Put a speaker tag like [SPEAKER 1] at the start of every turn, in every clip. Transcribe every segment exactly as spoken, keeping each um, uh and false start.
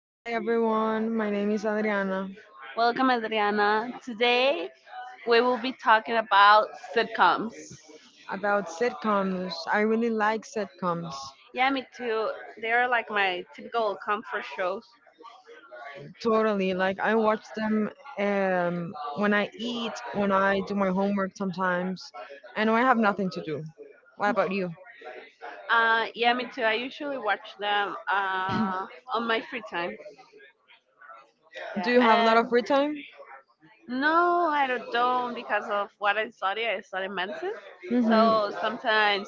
[SPEAKER 1] Hi everyone, my name is Adriana.
[SPEAKER 2] Welcome, Adriana. Today we will be talking about sitcoms.
[SPEAKER 1] About sitcoms, I really like sitcoms.
[SPEAKER 2] Yeah, me too. They are like my typical comfort shows.
[SPEAKER 1] Totally, like I watch them um, when I eat, when I do my homework sometimes, and when I have nothing to do. What about you?
[SPEAKER 2] Uh, yeah, me too. I usually watch them uh, on my free time.
[SPEAKER 1] Do you have a lot
[SPEAKER 2] Yeah.
[SPEAKER 1] of
[SPEAKER 2] Um,
[SPEAKER 1] free time?
[SPEAKER 2] no, I don't, don't because of what I study. I study medicine.
[SPEAKER 1] Hmm.
[SPEAKER 2] So sometimes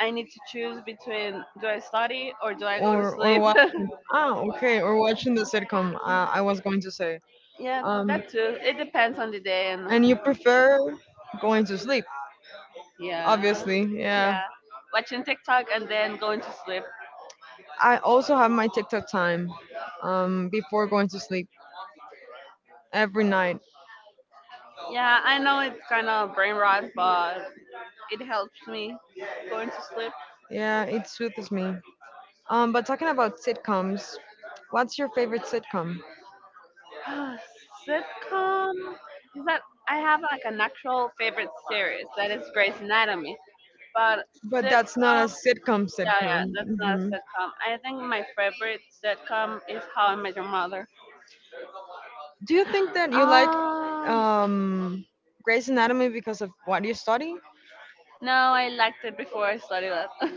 [SPEAKER 2] I need to choose between do I study or do I go to
[SPEAKER 1] Or or
[SPEAKER 2] sleep?
[SPEAKER 1] watching? Ah, okay. Or watching the sitcom. Uh, I was going to say.
[SPEAKER 2] Yeah,
[SPEAKER 1] Um,
[SPEAKER 2] that too. It depends on the day and
[SPEAKER 1] and you prefer going to sleep?
[SPEAKER 2] yeah,
[SPEAKER 1] Obviously, yeah.
[SPEAKER 2] yeah. Watching TikTok and then going to sleep.
[SPEAKER 1] I also have my TikTok time um, before going to sleep every night.
[SPEAKER 2] Yeah, I know it's kind of brain rot, but it helps me going to sleep.
[SPEAKER 1] Yeah, it soothes me. Um, but talking about sitcoms, what's your favorite sitcom?
[SPEAKER 2] Ah, Sitcom that I have like an actual favorite series that is Grey's Anatomy, but
[SPEAKER 1] But that's not
[SPEAKER 2] sitcom.
[SPEAKER 1] a sitcom
[SPEAKER 2] Yeah, yeah,
[SPEAKER 1] sitcom.
[SPEAKER 2] that's not a
[SPEAKER 1] Hmm.
[SPEAKER 2] sitcom. I think my favorite sitcom is How I Met Your Mother.
[SPEAKER 1] Do you think that you like
[SPEAKER 2] Um,
[SPEAKER 1] um, Grey's Anatomy because of what you study?
[SPEAKER 2] no, I liked it before I studied that.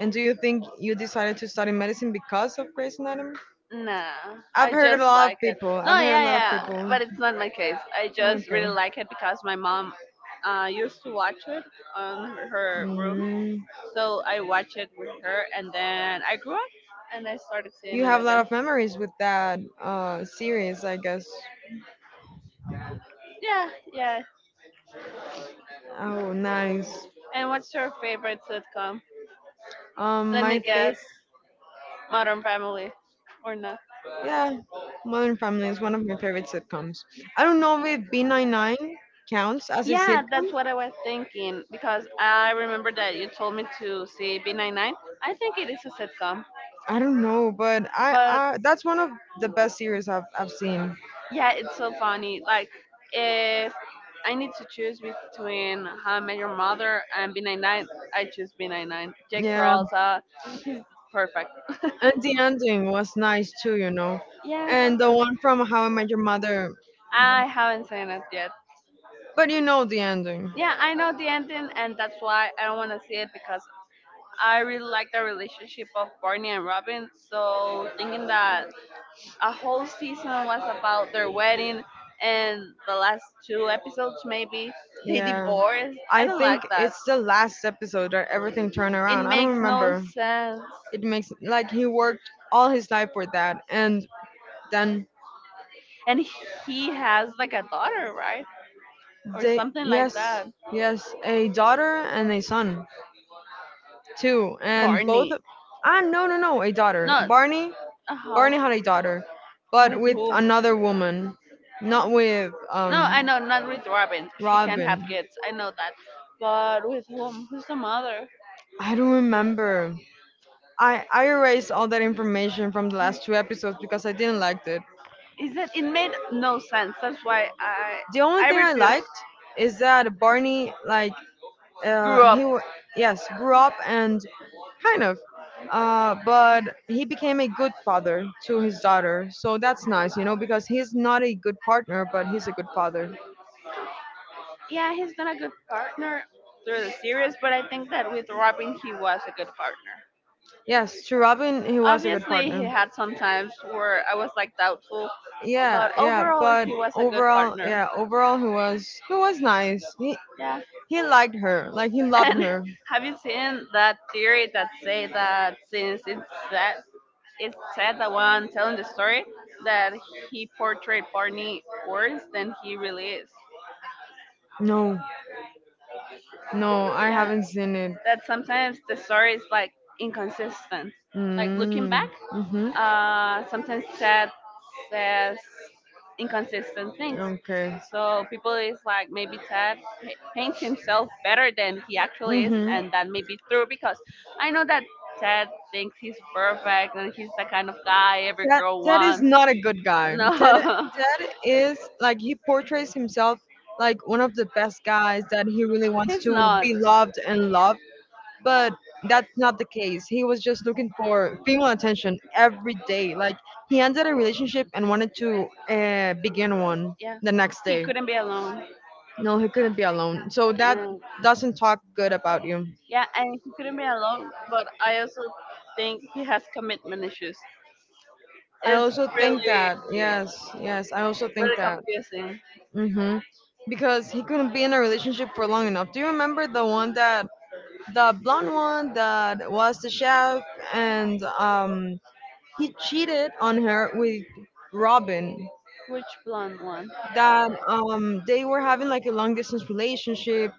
[SPEAKER 1] And do you think you decided to study medicine because of Grey's Anatomy?
[SPEAKER 2] No,
[SPEAKER 1] I've
[SPEAKER 2] I
[SPEAKER 1] heard a
[SPEAKER 2] just
[SPEAKER 1] lot
[SPEAKER 2] like
[SPEAKER 1] of
[SPEAKER 2] it.
[SPEAKER 1] people. I've
[SPEAKER 2] No,
[SPEAKER 1] heard a
[SPEAKER 2] yeah,
[SPEAKER 1] lot of
[SPEAKER 2] yeah,
[SPEAKER 1] people.
[SPEAKER 2] but it's not my case. I just
[SPEAKER 1] Okay.
[SPEAKER 2] really like it because my mom uh, used to watch it on her room,
[SPEAKER 1] Mm.
[SPEAKER 2] so I watch it with her, and then I grew up and I started seeing
[SPEAKER 1] You
[SPEAKER 2] it
[SPEAKER 1] have a lot
[SPEAKER 2] again.
[SPEAKER 1] of memories with that uh series, I guess.
[SPEAKER 2] Yeah, yeah.
[SPEAKER 1] Oh, nice.
[SPEAKER 2] And what's your favorite sitcom?
[SPEAKER 1] Um,
[SPEAKER 2] Let
[SPEAKER 1] my
[SPEAKER 2] me
[SPEAKER 1] favorite,
[SPEAKER 2] guess, Modern Family, or not?
[SPEAKER 1] yeah, Modern Family is one of my favorite sitcoms. I don't know if B ninety-nine counts as a
[SPEAKER 2] Yeah,
[SPEAKER 1] sitcom.
[SPEAKER 2] that's what I was thinking because I remember that you told me to see B ninety-nine. I think it is a sitcom,
[SPEAKER 1] I don't know, but I,
[SPEAKER 2] but
[SPEAKER 1] I that's one of the best series I've I've seen.
[SPEAKER 2] yeah, it's so funny. Like, if I need to choose between How I Met Your Mother and B ninety-nine, I choose B ninety-nine. Jake
[SPEAKER 1] Yeah,
[SPEAKER 2] Peralta, he's perfect.
[SPEAKER 1] and the ending was nice too, you know.
[SPEAKER 2] Yeah,
[SPEAKER 1] And the one from How I Met Your Mother.
[SPEAKER 2] I haven't seen it yet.
[SPEAKER 1] But you know the ending.
[SPEAKER 2] Yeah, I know the ending, and that's why I don't want to see it because I really like the relationship of Barney and Robin. So, thinking that a whole season was about their wedding and the last two episodes maybe they
[SPEAKER 1] Yeah.
[SPEAKER 2] divorced, I
[SPEAKER 1] I
[SPEAKER 2] don't like
[SPEAKER 1] think
[SPEAKER 2] that.
[SPEAKER 1] it's the last episode that everything turned
[SPEAKER 2] It
[SPEAKER 1] around. I don't
[SPEAKER 2] makes no
[SPEAKER 1] remember.
[SPEAKER 2] sense.
[SPEAKER 1] It makes, like he worked all his life for that, and then
[SPEAKER 2] And he has like a daughter, right? Or
[SPEAKER 1] they,
[SPEAKER 2] something like
[SPEAKER 1] yes,
[SPEAKER 2] that.
[SPEAKER 1] yes, a daughter and a son too. And both,
[SPEAKER 2] Barney.
[SPEAKER 1] ah no, no, no, a daughter.
[SPEAKER 2] No,
[SPEAKER 1] Barney
[SPEAKER 2] uh huh.
[SPEAKER 1] Barney had a daughter, but with another woman, not with
[SPEAKER 2] No,
[SPEAKER 1] um
[SPEAKER 2] I know, not with Robin. She can't have
[SPEAKER 1] Robin.
[SPEAKER 2] kids. I know that. But with whom? Who's the mother?
[SPEAKER 1] I don't remember. I, I erased all that information from the last two episodes because I didn't like it.
[SPEAKER 2] Is that it made no sense. That's why I
[SPEAKER 1] The only
[SPEAKER 2] I
[SPEAKER 1] thing I
[SPEAKER 2] refuse.
[SPEAKER 1] liked is that Barney, like,
[SPEAKER 2] Grew
[SPEAKER 1] uh,
[SPEAKER 2] up.
[SPEAKER 1] he, wa- yes, grew up and kind of, uh, but he became a good father to his daughter. So that's nice, you know, because he's not a good partner, but he's a good father.
[SPEAKER 2] Yeah, he's not a good partner through the series, but I think that with Robin he was a good partner.
[SPEAKER 1] Yes, to Robin, he was a good
[SPEAKER 2] Obviously, he
[SPEAKER 1] partner.
[SPEAKER 2] had some times where I was like doubtful
[SPEAKER 1] Yeah,
[SPEAKER 2] but
[SPEAKER 1] yeah,
[SPEAKER 2] overall
[SPEAKER 1] but
[SPEAKER 2] he was a good
[SPEAKER 1] overall,
[SPEAKER 2] partner,
[SPEAKER 1] yeah, overall, he was he was nice. He
[SPEAKER 2] yeah,
[SPEAKER 1] he liked her, like he loved
[SPEAKER 2] and
[SPEAKER 1] her.
[SPEAKER 2] have you seen that theory that say that since it's that it's Ted the one telling the story that he portrayed Barney worse than he really is,
[SPEAKER 1] No, no, I
[SPEAKER 2] yeah,
[SPEAKER 1] haven't seen it.
[SPEAKER 2] that sometimes the story is like inconsistent, like looking
[SPEAKER 1] Mm.
[SPEAKER 2] back.
[SPEAKER 1] Mm-hmm.
[SPEAKER 2] Uh, sometimes Ted says inconsistent things.
[SPEAKER 1] Okay.
[SPEAKER 2] So people is like maybe Ted pa- paints himself better than he actually is,
[SPEAKER 1] Mm-hmm.
[SPEAKER 2] and that may be true because I know that Ted thinks he's perfect and he's the kind of guy every
[SPEAKER 1] Ted,
[SPEAKER 2] girl
[SPEAKER 1] Ted is
[SPEAKER 2] wants.
[SPEAKER 1] not a good guy. Ted,
[SPEAKER 2] No,
[SPEAKER 1] Ted is like he portrays himself like one of the best guys that he really wants
[SPEAKER 2] he's
[SPEAKER 1] to
[SPEAKER 2] not.
[SPEAKER 1] be loved and loved, but that's not the case. He was just looking for female attention every day. Like he ended a relationship and wanted to uh, begin one
[SPEAKER 2] Yeah,
[SPEAKER 1] the next
[SPEAKER 2] he
[SPEAKER 1] day.
[SPEAKER 2] couldn't be alone.
[SPEAKER 1] No, he couldn't be alone. So that
[SPEAKER 2] And
[SPEAKER 1] doesn't talk good about you.
[SPEAKER 2] yeah, and he couldn't be alone. But I also think he has commitment issues.
[SPEAKER 1] I
[SPEAKER 2] It's
[SPEAKER 1] also think
[SPEAKER 2] really
[SPEAKER 1] that, yes, yes, I also think
[SPEAKER 2] really
[SPEAKER 1] that.
[SPEAKER 2] confusing.
[SPEAKER 1] Mhm. Because he couldn't be in a relationship for long enough. Do you remember the one that the blonde one that was the chef and um he cheated on her with Robin,
[SPEAKER 2] Which blonde one?
[SPEAKER 1] that um they were having like a long distance relationship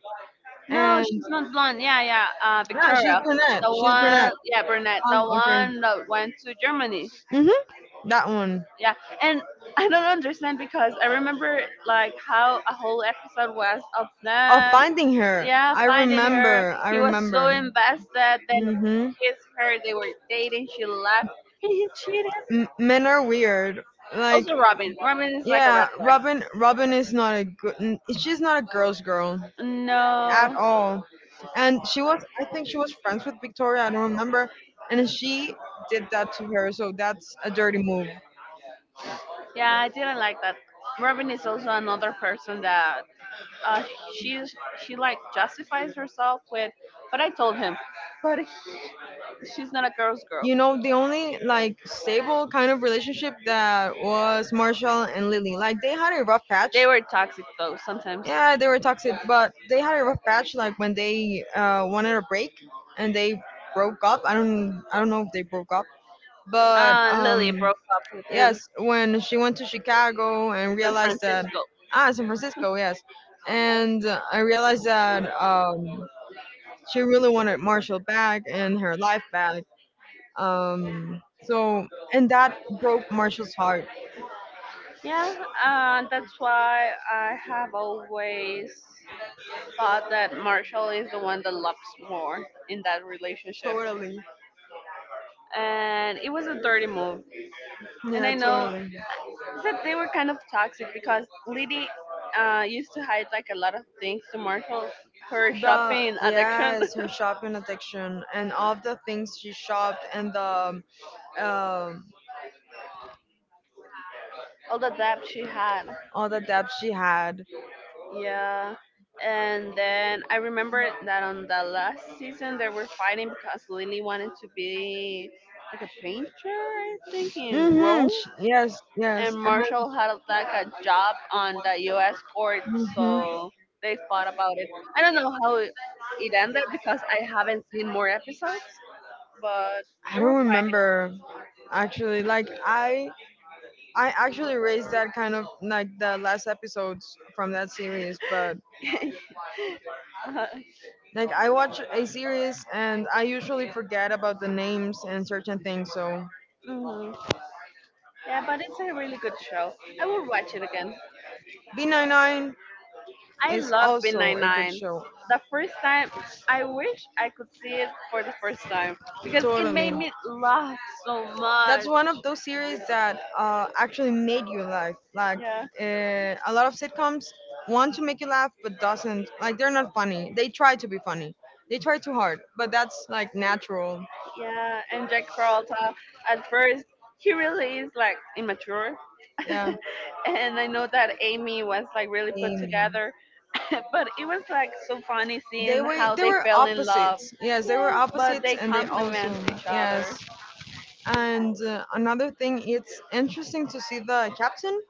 [SPEAKER 2] No,
[SPEAKER 1] and
[SPEAKER 2] she's not blonde. Yeah, yeah. Uh,
[SPEAKER 1] yeah, she's
[SPEAKER 2] Victoria,
[SPEAKER 1] brunette
[SPEAKER 2] the
[SPEAKER 1] she's
[SPEAKER 2] one.
[SPEAKER 1] brunette
[SPEAKER 2] Yeah, brunette, the
[SPEAKER 1] Oh, okay.
[SPEAKER 2] one that went to Germany.
[SPEAKER 1] Mm-hmm. That one.
[SPEAKER 2] Yeah, and I don't understand because I remember like how a whole episode was of
[SPEAKER 1] Of
[SPEAKER 2] them.
[SPEAKER 1] finding her.
[SPEAKER 2] Yeah,
[SPEAKER 1] i
[SPEAKER 2] finding her.
[SPEAKER 1] remember i
[SPEAKER 2] He was so
[SPEAKER 1] remember
[SPEAKER 2] invested. Then
[SPEAKER 1] Mm-hmm.
[SPEAKER 2] kissed her. They were dating. She left. And he cheated.
[SPEAKER 1] M- men are weird, like,
[SPEAKER 2] Also, Robin. Robin is like a
[SPEAKER 1] yeah,
[SPEAKER 2] red flag.
[SPEAKER 1] robin robin is not a good n- she's not a girl's girl at
[SPEAKER 2] No.
[SPEAKER 1] all. And she was, I think she was friends with Victoria, I don't remember, and she did that to her, so that's a dirty move.
[SPEAKER 2] Yeah, I didn't like that. Robin is also another person that uh, she's she like justifies herself with, but I told him, but he- she's not a girl's girl.
[SPEAKER 1] You know, the only like stable kind of relationship that was Marshall and Lily. Like they had a rough patch.
[SPEAKER 2] They were toxic though sometimes.
[SPEAKER 1] Yeah, they were toxic, but they had a rough patch. Like when they uh, wanted a break and they broke up. I don't, I don't know if they broke up, but
[SPEAKER 2] Uh, Lily
[SPEAKER 1] um,
[SPEAKER 2] broke up with him,
[SPEAKER 1] yes, when she went to Chicago and
[SPEAKER 2] San
[SPEAKER 1] realized that,
[SPEAKER 2] Francisco.
[SPEAKER 1] ah, San Francisco, yes, and I realized that, um, she really wanted Marshall back and her life back. Um, so and that broke Marshall's heart.
[SPEAKER 2] Yeah, uh, that's why I have always thought that Marshall is the one that loves more in that relationship.
[SPEAKER 1] Totally.
[SPEAKER 2] And it was a dirty move. And
[SPEAKER 1] Yeah,
[SPEAKER 2] I know
[SPEAKER 1] totally.
[SPEAKER 2] that they were kind of toxic because Liddy uh, used to hide like a lot of things to Marshall. Her
[SPEAKER 1] The
[SPEAKER 2] shopping addiction,
[SPEAKER 1] Yes, her shopping addiction and all the things she shopped, and the um
[SPEAKER 2] all the debt she had.
[SPEAKER 1] all the debt she had.
[SPEAKER 2] Yeah. And then I remember that on the last season they were fighting because Lily wanted to be like a painter, I think, in
[SPEAKER 1] Mhm.
[SPEAKER 2] Rome
[SPEAKER 1] sh- Yes, yes.
[SPEAKER 2] and
[SPEAKER 1] And
[SPEAKER 2] Marshall had like a job on the U S court,
[SPEAKER 1] mhm.
[SPEAKER 2] so they fought about it. I don't know how it it ended because I haven't seen more episodes, but
[SPEAKER 1] I
[SPEAKER 2] they were
[SPEAKER 1] don't remember actually. Like I I actually raised that kind of like the last episodes from that series, but
[SPEAKER 2] fighting. Uh,
[SPEAKER 1] like I watch a series and I usually forget about the names and certain things. So
[SPEAKER 2] mhm. Yeah, but it's a really good show. I will watch it again.
[SPEAKER 1] B ninety-nine
[SPEAKER 2] I
[SPEAKER 1] is
[SPEAKER 2] love Bin
[SPEAKER 1] also a good
[SPEAKER 2] ninety-nine.
[SPEAKER 1] show.
[SPEAKER 2] The first time, I wish I could see it for the first time because it made
[SPEAKER 1] Totally.
[SPEAKER 2] me laugh so
[SPEAKER 1] That's
[SPEAKER 2] much.
[SPEAKER 1] one of those series that uh, actually made you laugh. Like
[SPEAKER 2] Yeah.
[SPEAKER 1] uh, a lot of sitcoms want to make you laugh but doesn't. Like they're not funny. They try to be funny. They try too hard, but that's like natural.
[SPEAKER 2] Yeah, and Jack Peralta, at first, he really is like immature.
[SPEAKER 1] Yeah.
[SPEAKER 2] And I know that Amy was like really put
[SPEAKER 1] Amy.
[SPEAKER 2] together. But it was like so funny
[SPEAKER 1] They
[SPEAKER 2] seeing
[SPEAKER 1] were
[SPEAKER 2] how
[SPEAKER 1] they
[SPEAKER 2] they
[SPEAKER 1] were
[SPEAKER 2] fell in love.
[SPEAKER 1] opposites. Yes, they were
[SPEAKER 2] Yes. But
[SPEAKER 1] opposites
[SPEAKER 2] they
[SPEAKER 1] and they
[SPEAKER 2] complement
[SPEAKER 1] also
[SPEAKER 2] each
[SPEAKER 1] yes.
[SPEAKER 2] other.
[SPEAKER 1] And uh, another thing, it's interesting to see the captain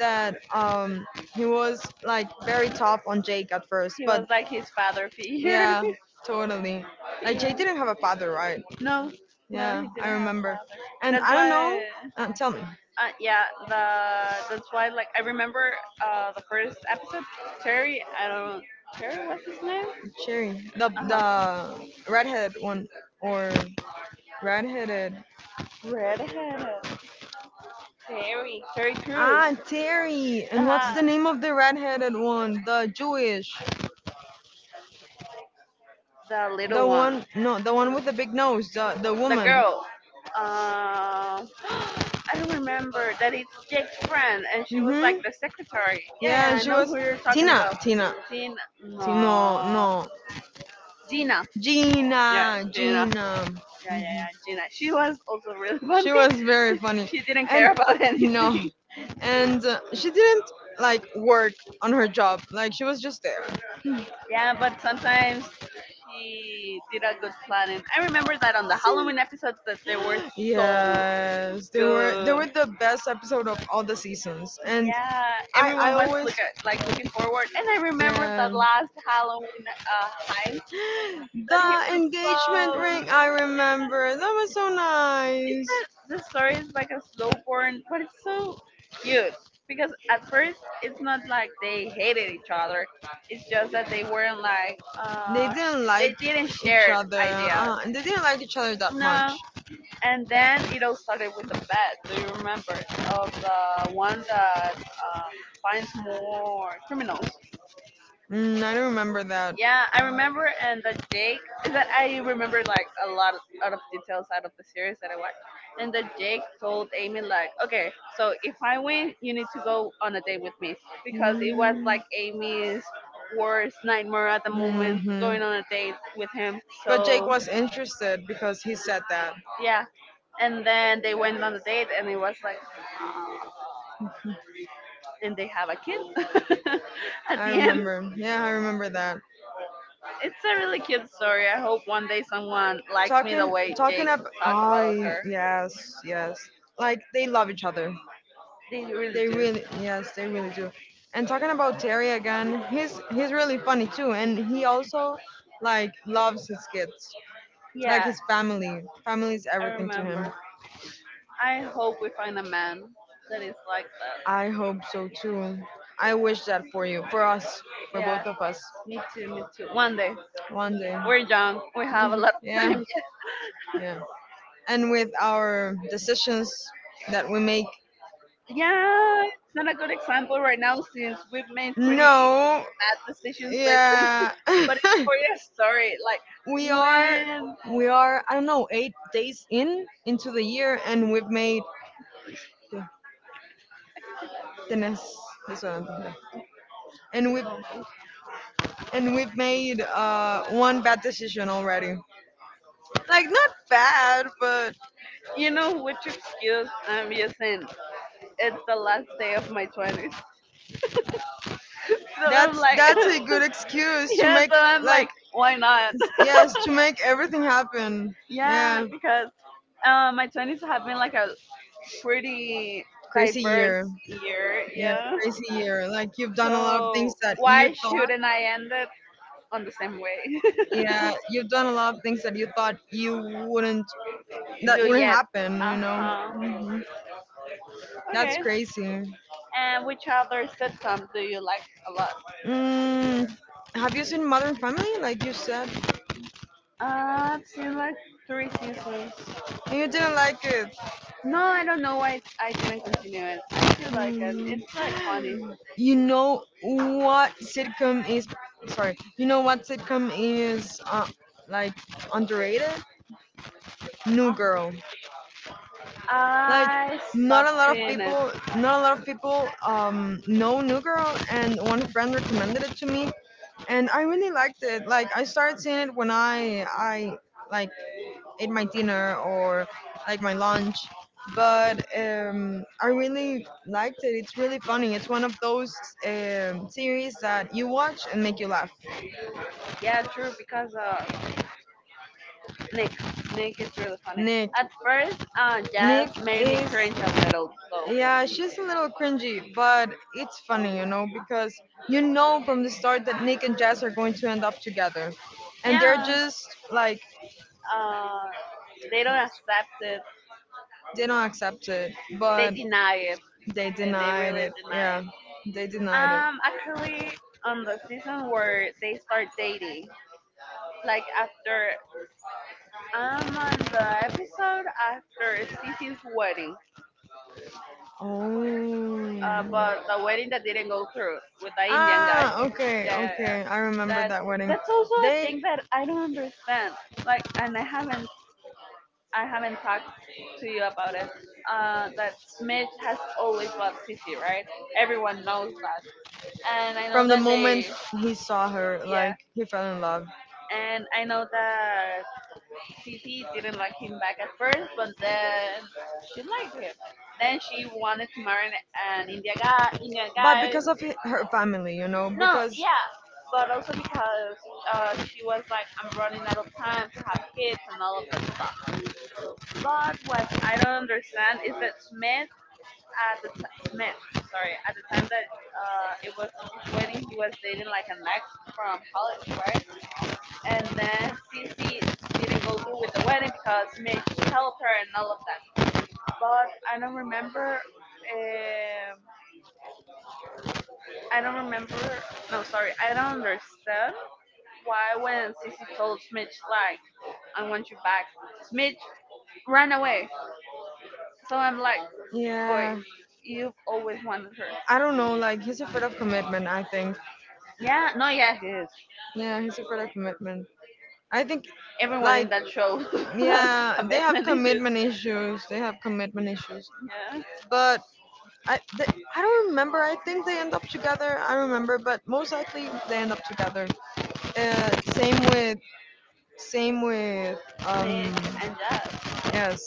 [SPEAKER 1] that um he was like very tough on Jake at first,
[SPEAKER 2] He
[SPEAKER 1] but
[SPEAKER 2] was like his father figure.
[SPEAKER 1] yeah, totally. Like
[SPEAKER 2] Yeah.
[SPEAKER 1] Jake didn't have a father, right?
[SPEAKER 2] No, no,
[SPEAKER 1] Yeah,
[SPEAKER 2] he
[SPEAKER 1] I
[SPEAKER 2] didn't have
[SPEAKER 1] remember.
[SPEAKER 2] father.
[SPEAKER 1] And
[SPEAKER 2] That's
[SPEAKER 1] I don't
[SPEAKER 2] why,
[SPEAKER 1] know.
[SPEAKER 2] uh,
[SPEAKER 1] Uh, tell me,
[SPEAKER 2] yeah, the that's why like I remember uh, the first episode. Terry, I don't know, Terry was his name.
[SPEAKER 1] Cherry, the
[SPEAKER 2] Uh-huh.
[SPEAKER 1] the redhead one or redheaded?
[SPEAKER 2] Redhead. Terry. Terry Crews.
[SPEAKER 1] Ah, Terry. And what's the
[SPEAKER 2] Uh-huh.
[SPEAKER 1] name of the redheaded one? The Jewish,
[SPEAKER 2] The little
[SPEAKER 1] the
[SPEAKER 2] one.
[SPEAKER 1] one? No, the one with the big nose. The the
[SPEAKER 2] The
[SPEAKER 1] woman.
[SPEAKER 2] girl. Uh, I don't remember that it's Jake's friend and she was like
[SPEAKER 1] Mhm.
[SPEAKER 2] the secretary. Yeah,
[SPEAKER 1] Yeah,
[SPEAKER 2] yeah, I
[SPEAKER 1] she
[SPEAKER 2] know
[SPEAKER 1] was
[SPEAKER 2] who you're talking
[SPEAKER 1] Tina,
[SPEAKER 2] about.
[SPEAKER 1] Tina,
[SPEAKER 2] Tina.
[SPEAKER 1] Ti- no,
[SPEAKER 2] No.
[SPEAKER 1] no,
[SPEAKER 2] Gina. Yeah,
[SPEAKER 1] Gina,
[SPEAKER 2] Gina.
[SPEAKER 1] Gina.
[SPEAKER 2] Yeah, yeah, yeah, Gina. She was also really funny.
[SPEAKER 1] She was very funny,
[SPEAKER 2] She didn't care
[SPEAKER 1] and
[SPEAKER 2] about
[SPEAKER 1] no,
[SPEAKER 2] anything.
[SPEAKER 1] and uh, she didn't like work on her job. Like she was just there.
[SPEAKER 2] Yeah, but sometimes she did a good planning. I remember that on the Halloween episodes that they were so
[SPEAKER 1] Yes, they were they were
[SPEAKER 2] good.
[SPEAKER 1] the best episode of all the seasons, and
[SPEAKER 2] Yeah,
[SPEAKER 1] I I
[SPEAKER 2] everyone was
[SPEAKER 1] always,
[SPEAKER 2] look at, like looking forward, and I remember that
[SPEAKER 1] yeah.
[SPEAKER 2] last Halloween uh, heist that he
[SPEAKER 1] The engagement
[SPEAKER 2] proposed.
[SPEAKER 1] ring, I remember. That was so
[SPEAKER 2] The
[SPEAKER 1] nice.
[SPEAKER 2] the story is like a slow burn, but it's so cute because at first it's not like they hated each other. It's just that they weren't like
[SPEAKER 1] They
[SPEAKER 2] uh, sh-
[SPEAKER 1] didn't like
[SPEAKER 2] they didn't
[SPEAKER 1] each
[SPEAKER 2] share
[SPEAKER 1] other.
[SPEAKER 2] ideas.
[SPEAKER 1] Uh, and they didn't like each other that much.
[SPEAKER 2] No, and then it all started with the bet. Do you remember of the one that um, finds more criminals?
[SPEAKER 1] Mm, I don't remember that.
[SPEAKER 2] Yeah, I remember, and that Jake is that I remember like a lot of, out of details out of the series that I watched, and that Jake told Amy like, okay, so if I win, you need to go on a date with me because it was like Amy's worst nightmare at the moment,
[SPEAKER 1] Mm-hmm.
[SPEAKER 2] going on a date with him.
[SPEAKER 1] But Jake
[SPEAKER 2] So
[SPEAKER 1] was interested because he said that.
[SPEAKER 2] yeah, and then they went on a date, and it was like, and they have a kid at
[SPEAKER 1] I
[SPEAKER 2] the end.
[SPEAKER 1] remember. Yeah, I remember that.
[SPEAKER 2] It's a really cute story. I hope one day someone likes me the
[SPEAKER 1] talking
[SPEAKER 2] way
[SPEAKER 1] talking
[SPEAKER 2] Jake
[SPEAKER 1] up,
[SPEAKER 2] talked about
[SPEAKER 1] I
[SPEAKER 2] her.
[SPEAKER 1] yes, yes, like they love each other,
[SPEAKER 2] They really
[SPEAKER 1] they
[SPEAKER 2] do.
[SPEAKER 1] really, yes, they really do. And talking about Terry again, he's he's really funny too, and he also like loves his kids, like
[SPEAKER 2] Yeah,
[SPEAKER 1] his family family is
[SPEAKER 2] I
[SPEAKER 1] everything to
[SPEAKER 2] remember.
[SPEAKER 1] him.
[SPEAKER 2] I hope we find a man that is like that.
[SPEAKER 1] I hope so too. I wish that for you, for us, for both
[SPEAKER 2] Yeah,
[SPEAKER 1] of us.
[SPEAKER 2] me too, me too. One day.
[SPEAKER 1] One day.
[SPEAKER 2] We're young, we have a
[SPEAKER 1] Mhm.
[SPEAKER 2] lot of
[SPEAKER 1] Yeah.
[SPEAKER 2] time.
[SPEAKER 1] Yeah, and with our decisions that we make.
[SPEAKER 2] Yeah, it's not a good example right now since we've made pretty
[SPEAKER 1] No.
[SPEAKER 2] bad decisions lately.
[SPEAKER 1] Yeah.
[SPEAKER 2] But it's for your story. Like,
[SPEAKER 1] we are
[SPEAKER 2] when
[SPEAKER 1] we are I don't know, eight days in into the year and we've made, yeah, tenés razón, yeah. and we've and we've made uh one bad decision already. Like not bad, but
[SPEAKER 2] you know which excuse I'm using? It's the last day of my twenties. So I'm
[SPEAKER 1] that's
[SPEAKER 2] like,
[SPEAKER 1] that's a good excuse to
[SPEAKER 2] yeah,
[SPEAKER 1] make,
[SPEAKER 2] so I'm like,
[SPEAKER 1] like,
[SPEAKER 2] why not?
[SPEAKER 1] yes, to make everything happen.
[SPEAKER 2] Yeah,
[SPEAKER 1] Yeah.
[SPEAKER 2] because uh, my twenties have been like a pretty
[SPEAKER 1] Crazy year.
[SPEAKER 2] diverse year.
[SPEAKER 1] Yeah,
[SPEAKER 2] Yeah.
[SPEAKER 1] crazy year. Like you've done a lot of things
[SPEAKER 2] So
[SPEAKER 1] that
[SPEAKER 2] why
[SPEAKER 1] you thought.
[SPEAKER 2] shouldn't I end it on the same way?
[SPEAKER 1] Yeah, you've done a lot of things that you thought you wouldn't that
[SPEAKER 2] Do
[SPEAKER 1] wouldn't
[SPEAKER 2] yet.
[SPEAKER 1] happen, you
[SPEAKER 2] Uh
[SPEAKER 1] know.
[SPEAKER 2] huh.
[SPEAKER 1] That's
[SPEAKER 2] Okay.
[SPEAKER 1] crazy.
[SPEAKER 2] And which other sitcom do you like a lot?
[SPEAKER 1] Mm, have you seen Modern Family like you said?
[SPEAKER 2] Uh, I've seen like three seasons.
[SPEAKER 1] And you didn't like it.
[SPEAKER 2] No, I don't know why I didn't continue it. I do like it.
[SPEAKER 1] Mm.
[SPEAKER 2] It's like funny.
[SPEAKER 1] You know what sitcom is, sorry. You know what sitcom is, uh, like, underrated? New Girl.
[SPEAKER 2] Uh-huh.
[SPEAKER 1] Like
[SPEAKER 2] I
[SPEAKER 1] not a
[SPEAKER 2] stopped
[SPEAKER 1] lot of
[SPEAKER 2] seeing it.
[SPEAKER 1] people not a lot of people um know New Girl, and one friend recommended it to me and I really liked it. Like I started seeing it when I I like ate my dinner or like my lunch, but um, I really liked it. It's really funny. It's one of those um, series that you watch and make you laugh.
[SPEAKER 2] Yeah, true. Because uh, Nick, Nick is really funny.
[SPEAKER 1] Nick,
[SPEAKER 2] At first, uh,
[SPEAKER 1] Nick
[SPEAKER 2] just made me
[SPEAKER 1] is
[SPEAKER 2] cringe a little, though.
[SPEAKER 1] yeah, she's a little cringy, but it's funny, you know, because you know from the start that Nick and Jazz are going to end up together. And they're
[SPEAKER 2] Yeah,
[SPEAKER 1] just like,
[SPEAKER 2] uh, they don't accept it.
[SPEAKER 1] they don't accept it.
[SPEAKER 2] They
[SPEAKER 1] But
[SPEAKER 2] deny it.
[SPEAKER 1] they
[SPEAKER 2] They, they
[SPEAKER 1] denied
[SPEAKER 2] really
[SPEAKER 1] it.
[SPEAKER 2] deny
[SPEAKER 1] Yeah,
[SPEAKER 2] it.
[SPEAKER 1] they denied it.
[SPEAKER 2] Um, actually, on the season where they start dating, like after I'm on the episode after Cece's wedding, uh,
[SPEAKER 1] Oh.
[SPEAKER 2] but the wedding that didn't go through with the Indian guy.
[SPEAKER 1] Ah, okay,
[SPEAKER 2] Yeah, yeah, yeah.
[SPEAKER 1] okay. I remember
[SPEAKER 2] That
[SPEAKER 1] that wedding.
[SPEAKER 2] that's also a
[SPEAKER 1] They
[SPEAKER 2] thing that I don't understand. Like, and I haven't I haven't talked to you about it. Uh, that Mitch has always loved Sissy, right? Everyone knows that, and I know
[SPEAKER 1] from the
[SPEAKER 2] that they,
[SPEAKER 1] moment he saw her,
[SPEAKER 2] yeah.
[SPEAKER 1] like he fell in love.
[SPEAKER 2] And I know that Sissy didn't like him back at first, but then she liked him. Then she wanted to marry an Indian guy, Indian
[SPEAKER 1] But
[SPEAKER 2] guy.
[SPEAKER 1] because of hi- her family, you know,
[SPEAKER 2] No,
[SPEAKER 1] because
[SPEAKER 2] yeah, but also because uh, she was like, I'm running out of time to have kids and all of that stuff. But what I don't understand is that Smith at the t- Smith, sorry, at the time that uh, it was his wedding, he was dating like an ex from college, right? And then Cece didn't go through with the wedding because Mitch helped her and all of that. But I don't remember. Um, I don't remember. No, sorry, I don't understand. Why, when Sissy told Smidge, like, I want you back, Smidge ran away. So I'm like, boy,
[SPEAKER 1] yeah,
[SPEAKER 2] you've always wanted her.
[SPEAKER 1] I don't know. Like he's afraid of commitment, I think.
[SPEAKER 2] Yeah, no, yeah, he is.
[SPEAKER 1] Yeah, he's afraid of commitment. I think,
[SPEAKER 2] Everyone in
[SPEAKER 1] like,
[SPEAKER 2] that show has
[SPEAKER 1] yeah, they have
[SPEAKER 2] commitment issues.
[SPEAKER 1] commitment issues. They have commitment issues.
[SPEAKER 2] Yeah,
[SPEAKER 1] But I they, I don't remember. I think they end up together. I don't remember, but most likely they end up together. Uh, same with same with
[SPEAKER 2] Nick
[SPEAKER 1] um
[SPEAKER 2] and Jazz.
[SPEAKER 1] yes.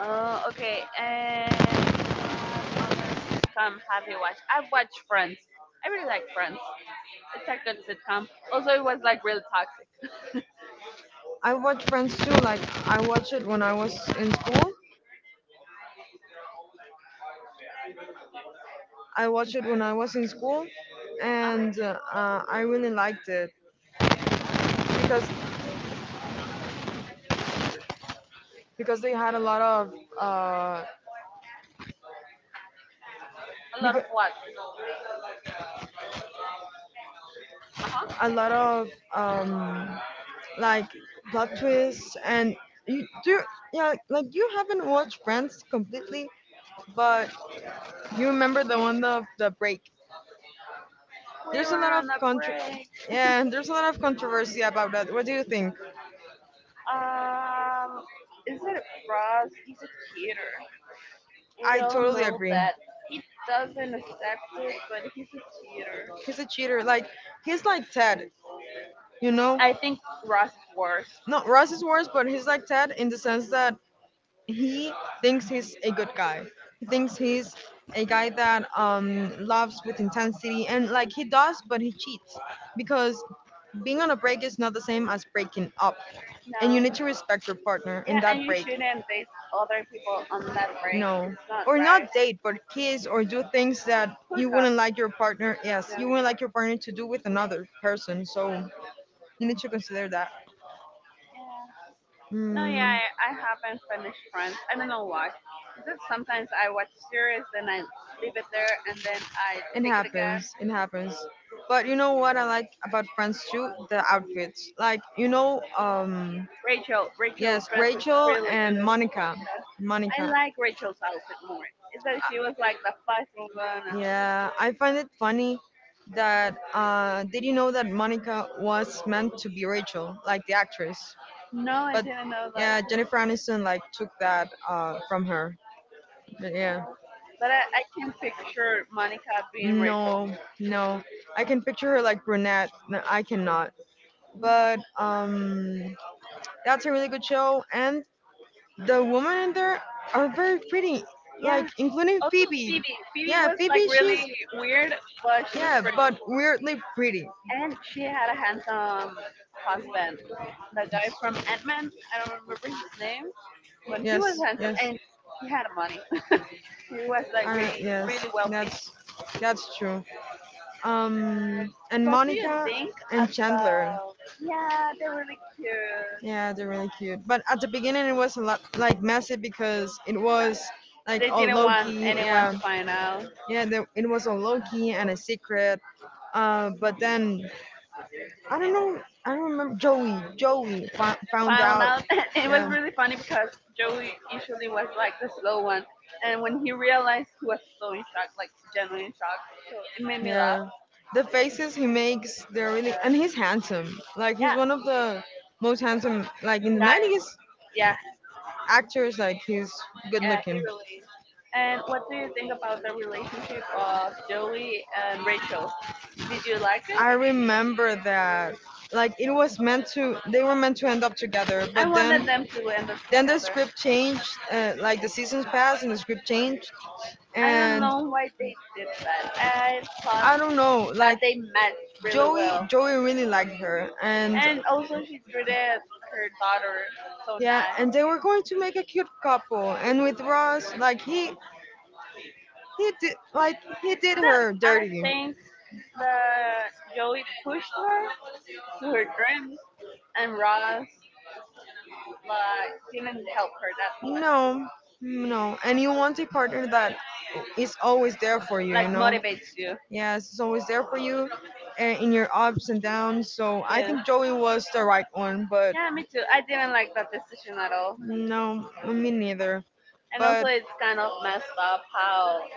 [SPEAKER 2] Uh, okay, and sitcom have you watched? I've watched Friends. I really like Friends. It's a good sitcom. Also, it was like real toxic.
[SPEAKER 1] I watch Friends too. Like I watch it when I was in school. I watched it when I was in school,
[SPEAKER 2] Uh,
[SPEAKER 1] and uh, I really liked it because because they had a lot of uh,
[SPEAKER 2] a lot
[SPEAKER 1] because
[SPEAKER 2] of what? Uh-huh.
[SPEAKER 1] a lot of um, like plot twists, and you do, yeah, like you haven't watched Friends completely, but you remember the one of the break.
[SPEAKER 2] We
[SPEAKER 1] There's a
[SPEAKER 2] were
[SPEAKER 1] lot of
[SPEAKER 2] on a
[SPEAKER 1] contro
[SPEAKER 2] break.
[SPEAKER 1] Yeah, there's a lot of controversy about that. What do you think?
[SPEAKER 2] Um, is it Ross? He's a cheater. We
[SPEAKER 1] I
[SPEAKER 2] all
[SPEAKER 1] totally
[SPEAKER 2] know
[SPEAKER 1] agree.
[SPEAKER 2] that. He doesn't accept it, but he's a cheater.
[SPEAKER 1] He's a cheater. Like he's like Ted, you know.
[SPEAKER 2] I think Ross is worse.
[SPEAKER 1] No, Ross is worse, but he's like Ted in the sense that he thinks he's a good guy. He thinks he's a guy that, um, loves with intensity, and like he does, but he cheats because being on a break is not the same as breaking up, and you
[SPEAKER 2] No.
[SPEAKER 1] need to respect your partner
[SPEAKER 2] Yeah,
[SPEAKER 1] in
[SPEAKER 2] and
[SPEAKER 1] that
[SPEAKER 2] you
[SPEAKER 1] break.
[SPEAKER 2] shouldn't date other people on that break.
[SPEAKER 1] No,
[SPEAKER 2] It's not
[SPEAKER 1] or
[SPEAKER 2] right.
[SPEAKER 1] not date, but kiss or do things that
[SPEAKER 2] Hook
[SPEAKER 1] you
[SPEAKER 2] up.
[SPEAKER 1] wouldn't like your partner. Yes,
[SPEAKER 2] Yeah.
[SPEAKER 1] you wouldn't like your partner to do with another person. So you need to consider that.
[SPEAKER 2] No, yeah,
[SPEAKER 1] Mm.
[SPEAKER 2] I, I haven't finished Friends. I don't know why. Because sometimes I watch series, then I leave it there, and then I
[SPEAKER 1] It
[SPEAKER 2] take it again.
[SPEAKER 1] happens. It happens. But you know what I like about friends too? The outfits. Like you know, um,
[SPEAKER 2] Rachel,
[SPEAKER 1] yes,
[SPEAKER 2] Rachel Dress is
[SPEAKER 1] Rachel
[SPEAKER 2] really
[SPEAKER 1] and
[SPEAKER 2] good.
[SPEAKER 1] Monica.
[SPEAKER 2] I
[SPEAKER 1] Monica.
[SPEAKER 2] like Rachel's outfit more. It's that she was like the fashion one.
[SPEAKER 1] Yeah, I find it funny that uh, did you know that Monica was meant to be Rachel, like the actress?
[SPEAKER 2] No, I
[SPEAKER 1] But
[SPEAKER 2] didn't know that.
[SPEAKER 1] yeah, Jennifer Aniston like took that uh, from her. But yeah,
[SPEAKER 2] But I, I can picture Monica being Rachel.
[SPEAKER 1] no, no, I can picture her like brunette. No, I cannot. But um. that's a really good show, and the women in there are very pretty,
[SPEAKER 2] Yeah.
[SPEAKER 1] like including
[SPEAKER 2] Also,
[SPEAKER 1] Phoebe.
[SPEAKER 2] Phoebe. Phoebe
[SPEAKER 1] Yeah,
[SPEAKER 2] was like
[SPEAKER 1] Phoebe, she's
[SPEAKER 2] really weird, but she was
[SPEAKER 1] yeah,
[SPEAKER 2] pretty.
[SPEAKER 1] but weirdly pretty.
[SPEAKER 2] And she had a handsome husband. The guy from Ant Man. I don't remember his name, but he
[SPEAKER 1] Yes,
[SPEAKER 2] was handsome
[SPEAKER 1] yes,
[SPEAKER 2] and he had money. He was like
[SPEAKER 1] uh,
[SPEAKER 2] really,
[SPEAKER 1] yes.
[SPEAKER 2] really wealthy.
[SPEAKER 1] That's that's true. Um,
[SPEAKER 2] Um,
[SPEAKER 1] and
[SPEAKER 2] what do you
[SPEAKER 1] Monica
[SPEAKER 2] think
[SPEAKER 1] and Chandler.
[SPEAKER 2] about? Yeah, they're really cute.
[SPEAKER 1] Yeah, they're really cute. But at the beginning, it was a lot like messy because it was like
[SPEAKER 2] They
[SPEAKER 1] all
[SPEAKER 2] didn't want
[SPEAKER 1] Loki.
[SPEAKER 2] anyone
[SPEAKER 1] Yeah,
[SPEAKER 2] to find out,
[SPEAKER 1] yeah, the, it was all Loki and a secret. Uh, but then I don't
[SPEAKER 2] and
[SPEAKER 1] know. I don't remember. Joey. Joey fo- found
[SPEAKER 2] found
[SPEAKER 1] out.
[SPEAKER 2] out. It was
[SPEAKER 1] Yeah,
[SPEAKER 2] really funny because Joey usually was like the slow one, and when he realized, he was so in shock, like genuinely in shock. So it made me laugh.
[SPEAKER 1] yeah. The faces he makes, they're
[SPEAKER 2] Uh,
[SPEAKER 1] really, and he's handsome. Like
[SPEAKER 2] yeah,
[SPEAKER 1] he's one of the most handsome, like in the
[SPEAKER 2] that.
[SPEAKER 1] nineties
[SPEAKER 2] Yeah,
[SPEAKER 1] actors. Like he's good
[SPEAKER 2] yeah, he
[SPEAKER 1] looking.
[SPEAKER 2] really. And what do you think about the relationship of Joey and Rachel? Did you like
[SPEAKER 1] I
[SPEAKER 2] it?
[SPEAKER 1] remember that. Like it was meant to, they were meant to end up together,
[SPEAKER 2] I
[SPEAKER 1] but then,
[SPEAKER 2] wanted them to end up
[SPEAKER 1] then the
[SPEAKER 2] together.
[SPEAKER 1] script changed. Uh, like the seasons passed and the script changed,
[SPEAKER 2] I don't
[SPEAKER 1] and
[SPEAKER 2] know why they did that. I
[SPEAKER 1] I don't know.
[SPEAKER 2] thought that
[SPEAKER 1] Like
[SPEAKER 2] they matched really
[SPEAKER 1] Joey,
[SPEAKER 2] well.
[SPEAKER 1] Joey really liked her, and
[SPEAKER 2] And also, she treated her daughter so
[SPEAKER 1] yeah,
[SPEAKER 2] nice.
[SPEAKER 1] and they were going to make a cute couple, and with Ross, like he he did like he did
[SPEAKER 2] That
[SPEAKER 1] her
[SPEAKER 2] I
[SPEAKER 1] dirty.
[SPEAKER 2] think that Joey pushed her to her dream, and Ross like didn't help her that much.
[SPEAKER 1] No, no, and you want a partner that is always there for you, you
[SPEAKER 2] Like
[SPEAKER 1] know.
[SPEAKER 2] motivates you.
[SPEAKER 1] Yes, is always there for you uh, in your ups and downs. So I
[SPEAKER 2] Yeah.
[SPEAKER 1] think Joey was the right one, but
[SPEAKER 2] Yeah, me too. I didn't like that decision at all.
[SPEAKER 1] no, me neither.
[SPEAKER 2] And also,
[SPEAKER 1] But
[SPEAKER 2] it's kind of messed up how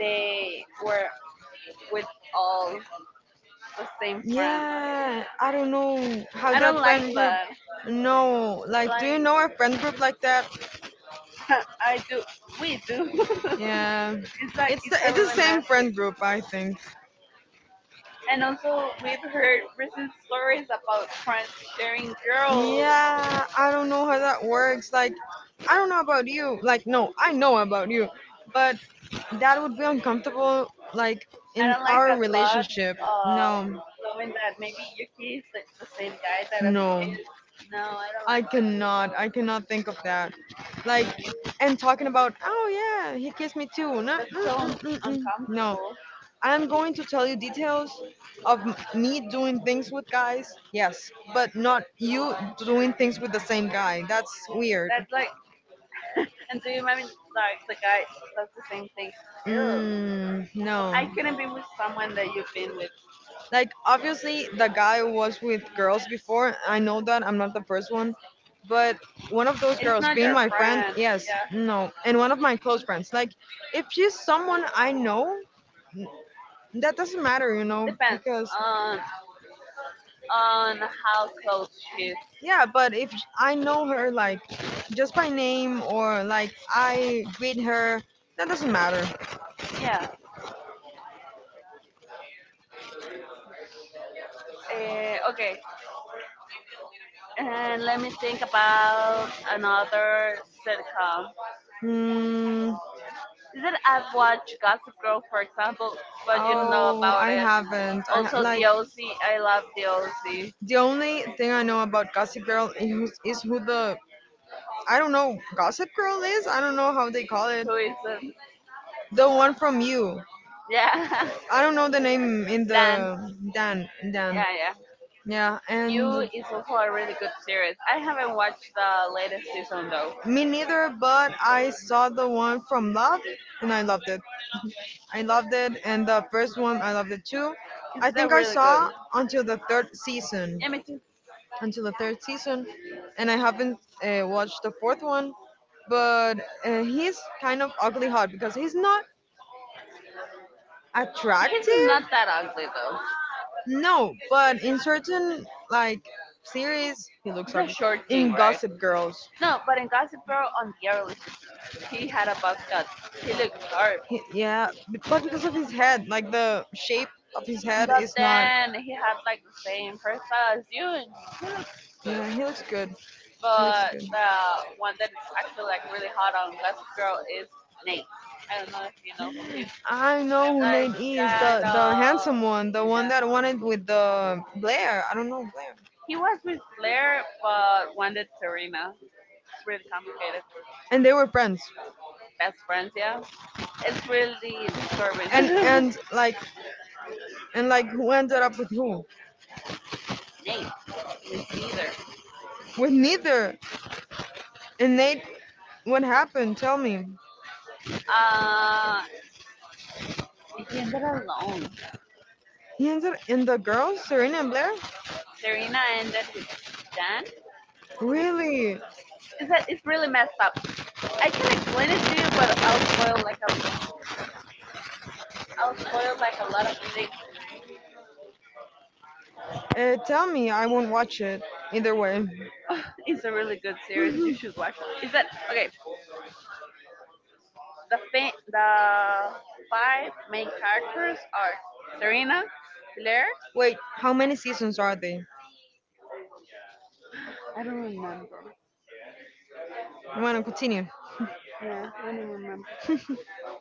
[SPEAKER 2] they were with all the same friends.
[SPEAKER 1] yeah, I don't know how
[SPEAKER 2] I
[SPEAKER 1] that
[SPEAKER 2] don't like
[SPEAKER 1] friend group.
[SPEAKER 2] that.
[SPEAKER 1] No, like, do you
[SPEAKER 2] Like,
[SPEAKER 1] know a friend group like that?
[SPEAKER 2] I do, we do.
[SPEAKER 1] Yeah,
[SPEAKER 2] It's like
[SPEAKER 1] it's the,
[SPEAKER 2] it's a
[SPEAKER 1] it's the
[SPEAKER 2] really
[SPEAKER 1] same
[SPEAKER 2] mess.
[SPEAKER 1] friend group, I think.
[SPEAKER 2] And also, we've heard recent stories about transgender girls.
[SPEAKER 1] Yeah, I don't know how that works. Like, I don't know about you. Like, no, I know about you, but that would be uncomfortable. Like
[SPEAKER 2] I
[SPEAKER 1] in
[SPEAKER 2] don't like
[SPEAKER 1] our
[SPEAKER 2] that thought
[SPEAKER 1] relationship,
[SPEAKER 2] of
[SPEAKER 1] no,
[SPEAKER 2] knowing that maybe your kid is like the same guy that I
[SPEAKER 1] no.
[SPEAKER 2] kid. No, I
[SPEAKER 1] I cannot. I cannot think of that. Like, and talking about, oh yeah, he kissed me too. No,
[SPEAKER 2] don't like that.
[SPEAKER 1] mm,
[SPEAKER 2] So
[SPEAKER 1] mm,
[SPEAKER 2] un-
[SPEAKER 1] mm, mm. No.
[SPEAKER 2] uncomfortable.
[SPEAKER 1] I'm going to tell you details of m- me doing things with guys. Yes, but not you doing things with the same guy. That's weird.
[SPEAKER 2] That's like, and do you mind like the guy does the same thing? Ew.
[SPEAKER 1] Mm,
[SPEAKER 2] I
[SPEAKER 1] no.
[SPEAKER 2] couldn't be with someone that you've been with.
[SPEAKER 1] Like obviously the guy was with girls before. I know that I'm not the first one, but one of those
[SPEAKER 2] It's
[SPEAKER 1] girls
[SPEAKER 2] not
[SPEAKER 1] being
[SPEAKER 2] your
[SPEAKER 1] my friend,
[SPEAKER 2] friend.
[SPEAKER 1] yes.
[SPEAKER 2] Yeah.
[SPEAKER 1] No, and one of my close friends, like if she's someone I know, that doesn't matter, you know
[SPEAKER 2] Depends
[SPEAKER 1] because
[SPEAKER 2] on on how close she is.
[SPEAKER 1] yeah. But if sh- I know her, like just by name or like I greet her, that doesn't matter.
[SPEAKER 2] Yeah. Uh, okay. And let me think about another sitcom.
[SPEAKER 1] Hmm.
[SPEAKER 2] Is it I've watched Gossip Girl, for example, but you don't know
[SPEAKER 1] Oh,
[SPEAKER 2] about
[SPEAKER 1] I
[SPEAKER 2] it.
[SPEAKER 1] haven't, I ha-
[SPEAKER 2] Also,
[SPEAKER 1] like
[SPEAKER 2] The O C. I love The O C.
[SPEAKER 1] the only thing I know about Gossip Girl is, is who the I don't know Gossip Girl is. I don't know how they call it.
[SPEAKER 2] Who is it?
[SPEAKER 1] The one from you.
[SPEAKER 2] Yeah.
[SPEAKER 1] I don't know the name in
[SPEAKER 2] Dan.
[SPEAKER 1] the Dan Dan.
[SPEAKER 2] Yeah, yeah.
[SPEAKER 1] Yeah,
[SPEAKER 2] You
[SPEAKER 1] and
[SPEAKER 2] is also a really good series. I haven't watched the latest season though.
[SPEAKER 1] me neither. But I saw the one from Love, and I loved it. I loved it, and the first one I loved it too. I
[SPEAKER 2] It's a
[SPEAKER 1] think I
[SPEAKER 2] really good.
[SPEAKER 1] saw until the third season,
[SPEAKER 2] Yeah, me too.
[SPEAKER 1] until the third season, and I haven't uh, watched the fourth one. But uh, he's kind of ugly hot because he's not
[SPEAKER 2] He's
[SPEAKER 1] attractive.
[SPEAKER 2] not that ugly though.
[SPEAKER 1] No, but in certain like series, he looks
[SPEAKER 2] He's a
[SPEAKER 1] ugly.
[SPEAKER 2] short king,
[SPEAKER 1] In
[SPEAKER 2] right?
[SPEAKER 1] Gossip Girls,
[SPEAKER 2] No, but in Gossip Girl on the early sixties, he had a buzz cut. He looked
[SPEAKER 1] he,
[SPEAKER 2] horrible.
[SPEAKER 1] yeah, b- but because of his head, like the shape of his head
[SPEAKER 2] But
[SPEAKER 1] is not.
[SPEAKER 2] then he had like the same hairstyle as you, and he looks good.
[SPEAKER 1] Yeah, he looks good. He looks
[SPEAKER 2] But
[SPEAKER 1] good.
[SPEAKER 2] the one that is actually like really hot on Gossip Girl is I don't know if you know who he is.
[SPEAKER 1] I know who
[SPEAKER 2] Like
[SPEAKER 1] Nate is,
[SPEAKER 2] kind
[SPEAKER 1] the the
[SPEAKER 2] of,
[SPEAKER 1] handsome one, the one that
[SPEAKER 2] yeah.
[SPEAKER 1] wanted with the Blair. I don't know Blair.
[SPEAKER 2] He was with Blair, but wanted Serena. It's really complicated.
[SPEAKER 1] And they were friends.
[SPEAKER 2] Best friends, yeah. It's really
[SPEAKER 1] And
[SPEAKER 2] disturbing.
[SPEAKER 1] and like and like who ended up with who?
[SPEAKER 2] Nate, with neither.
[SPEAKER 1] With neither. And Nate, what happened? Tell me.
[SPEAKER 2] Uh, he ended alone.
[SPEAKER 1] He ended in the girls, Serena and Blair?
[SPEAKER 2] Serena ended with Dan.
[SPEAKER 1] Really?
[SPEAKER 2] It's, a, it's really messed up. I can explain it to you, but I'll spoil like a, I'll spoil like a lot of things.
[SPEAKER 1] Uh, tell me, I won't watch it. Either way.
[SPEAKER 2] It's a really good series. You should watch it. Is that okay? The fa- the five main characters are Serena, Blair.
[SPEAKER 1] Wait, how many seasons are they? I want to continue.
[SPEAKER 2] Yeah, I don't remember.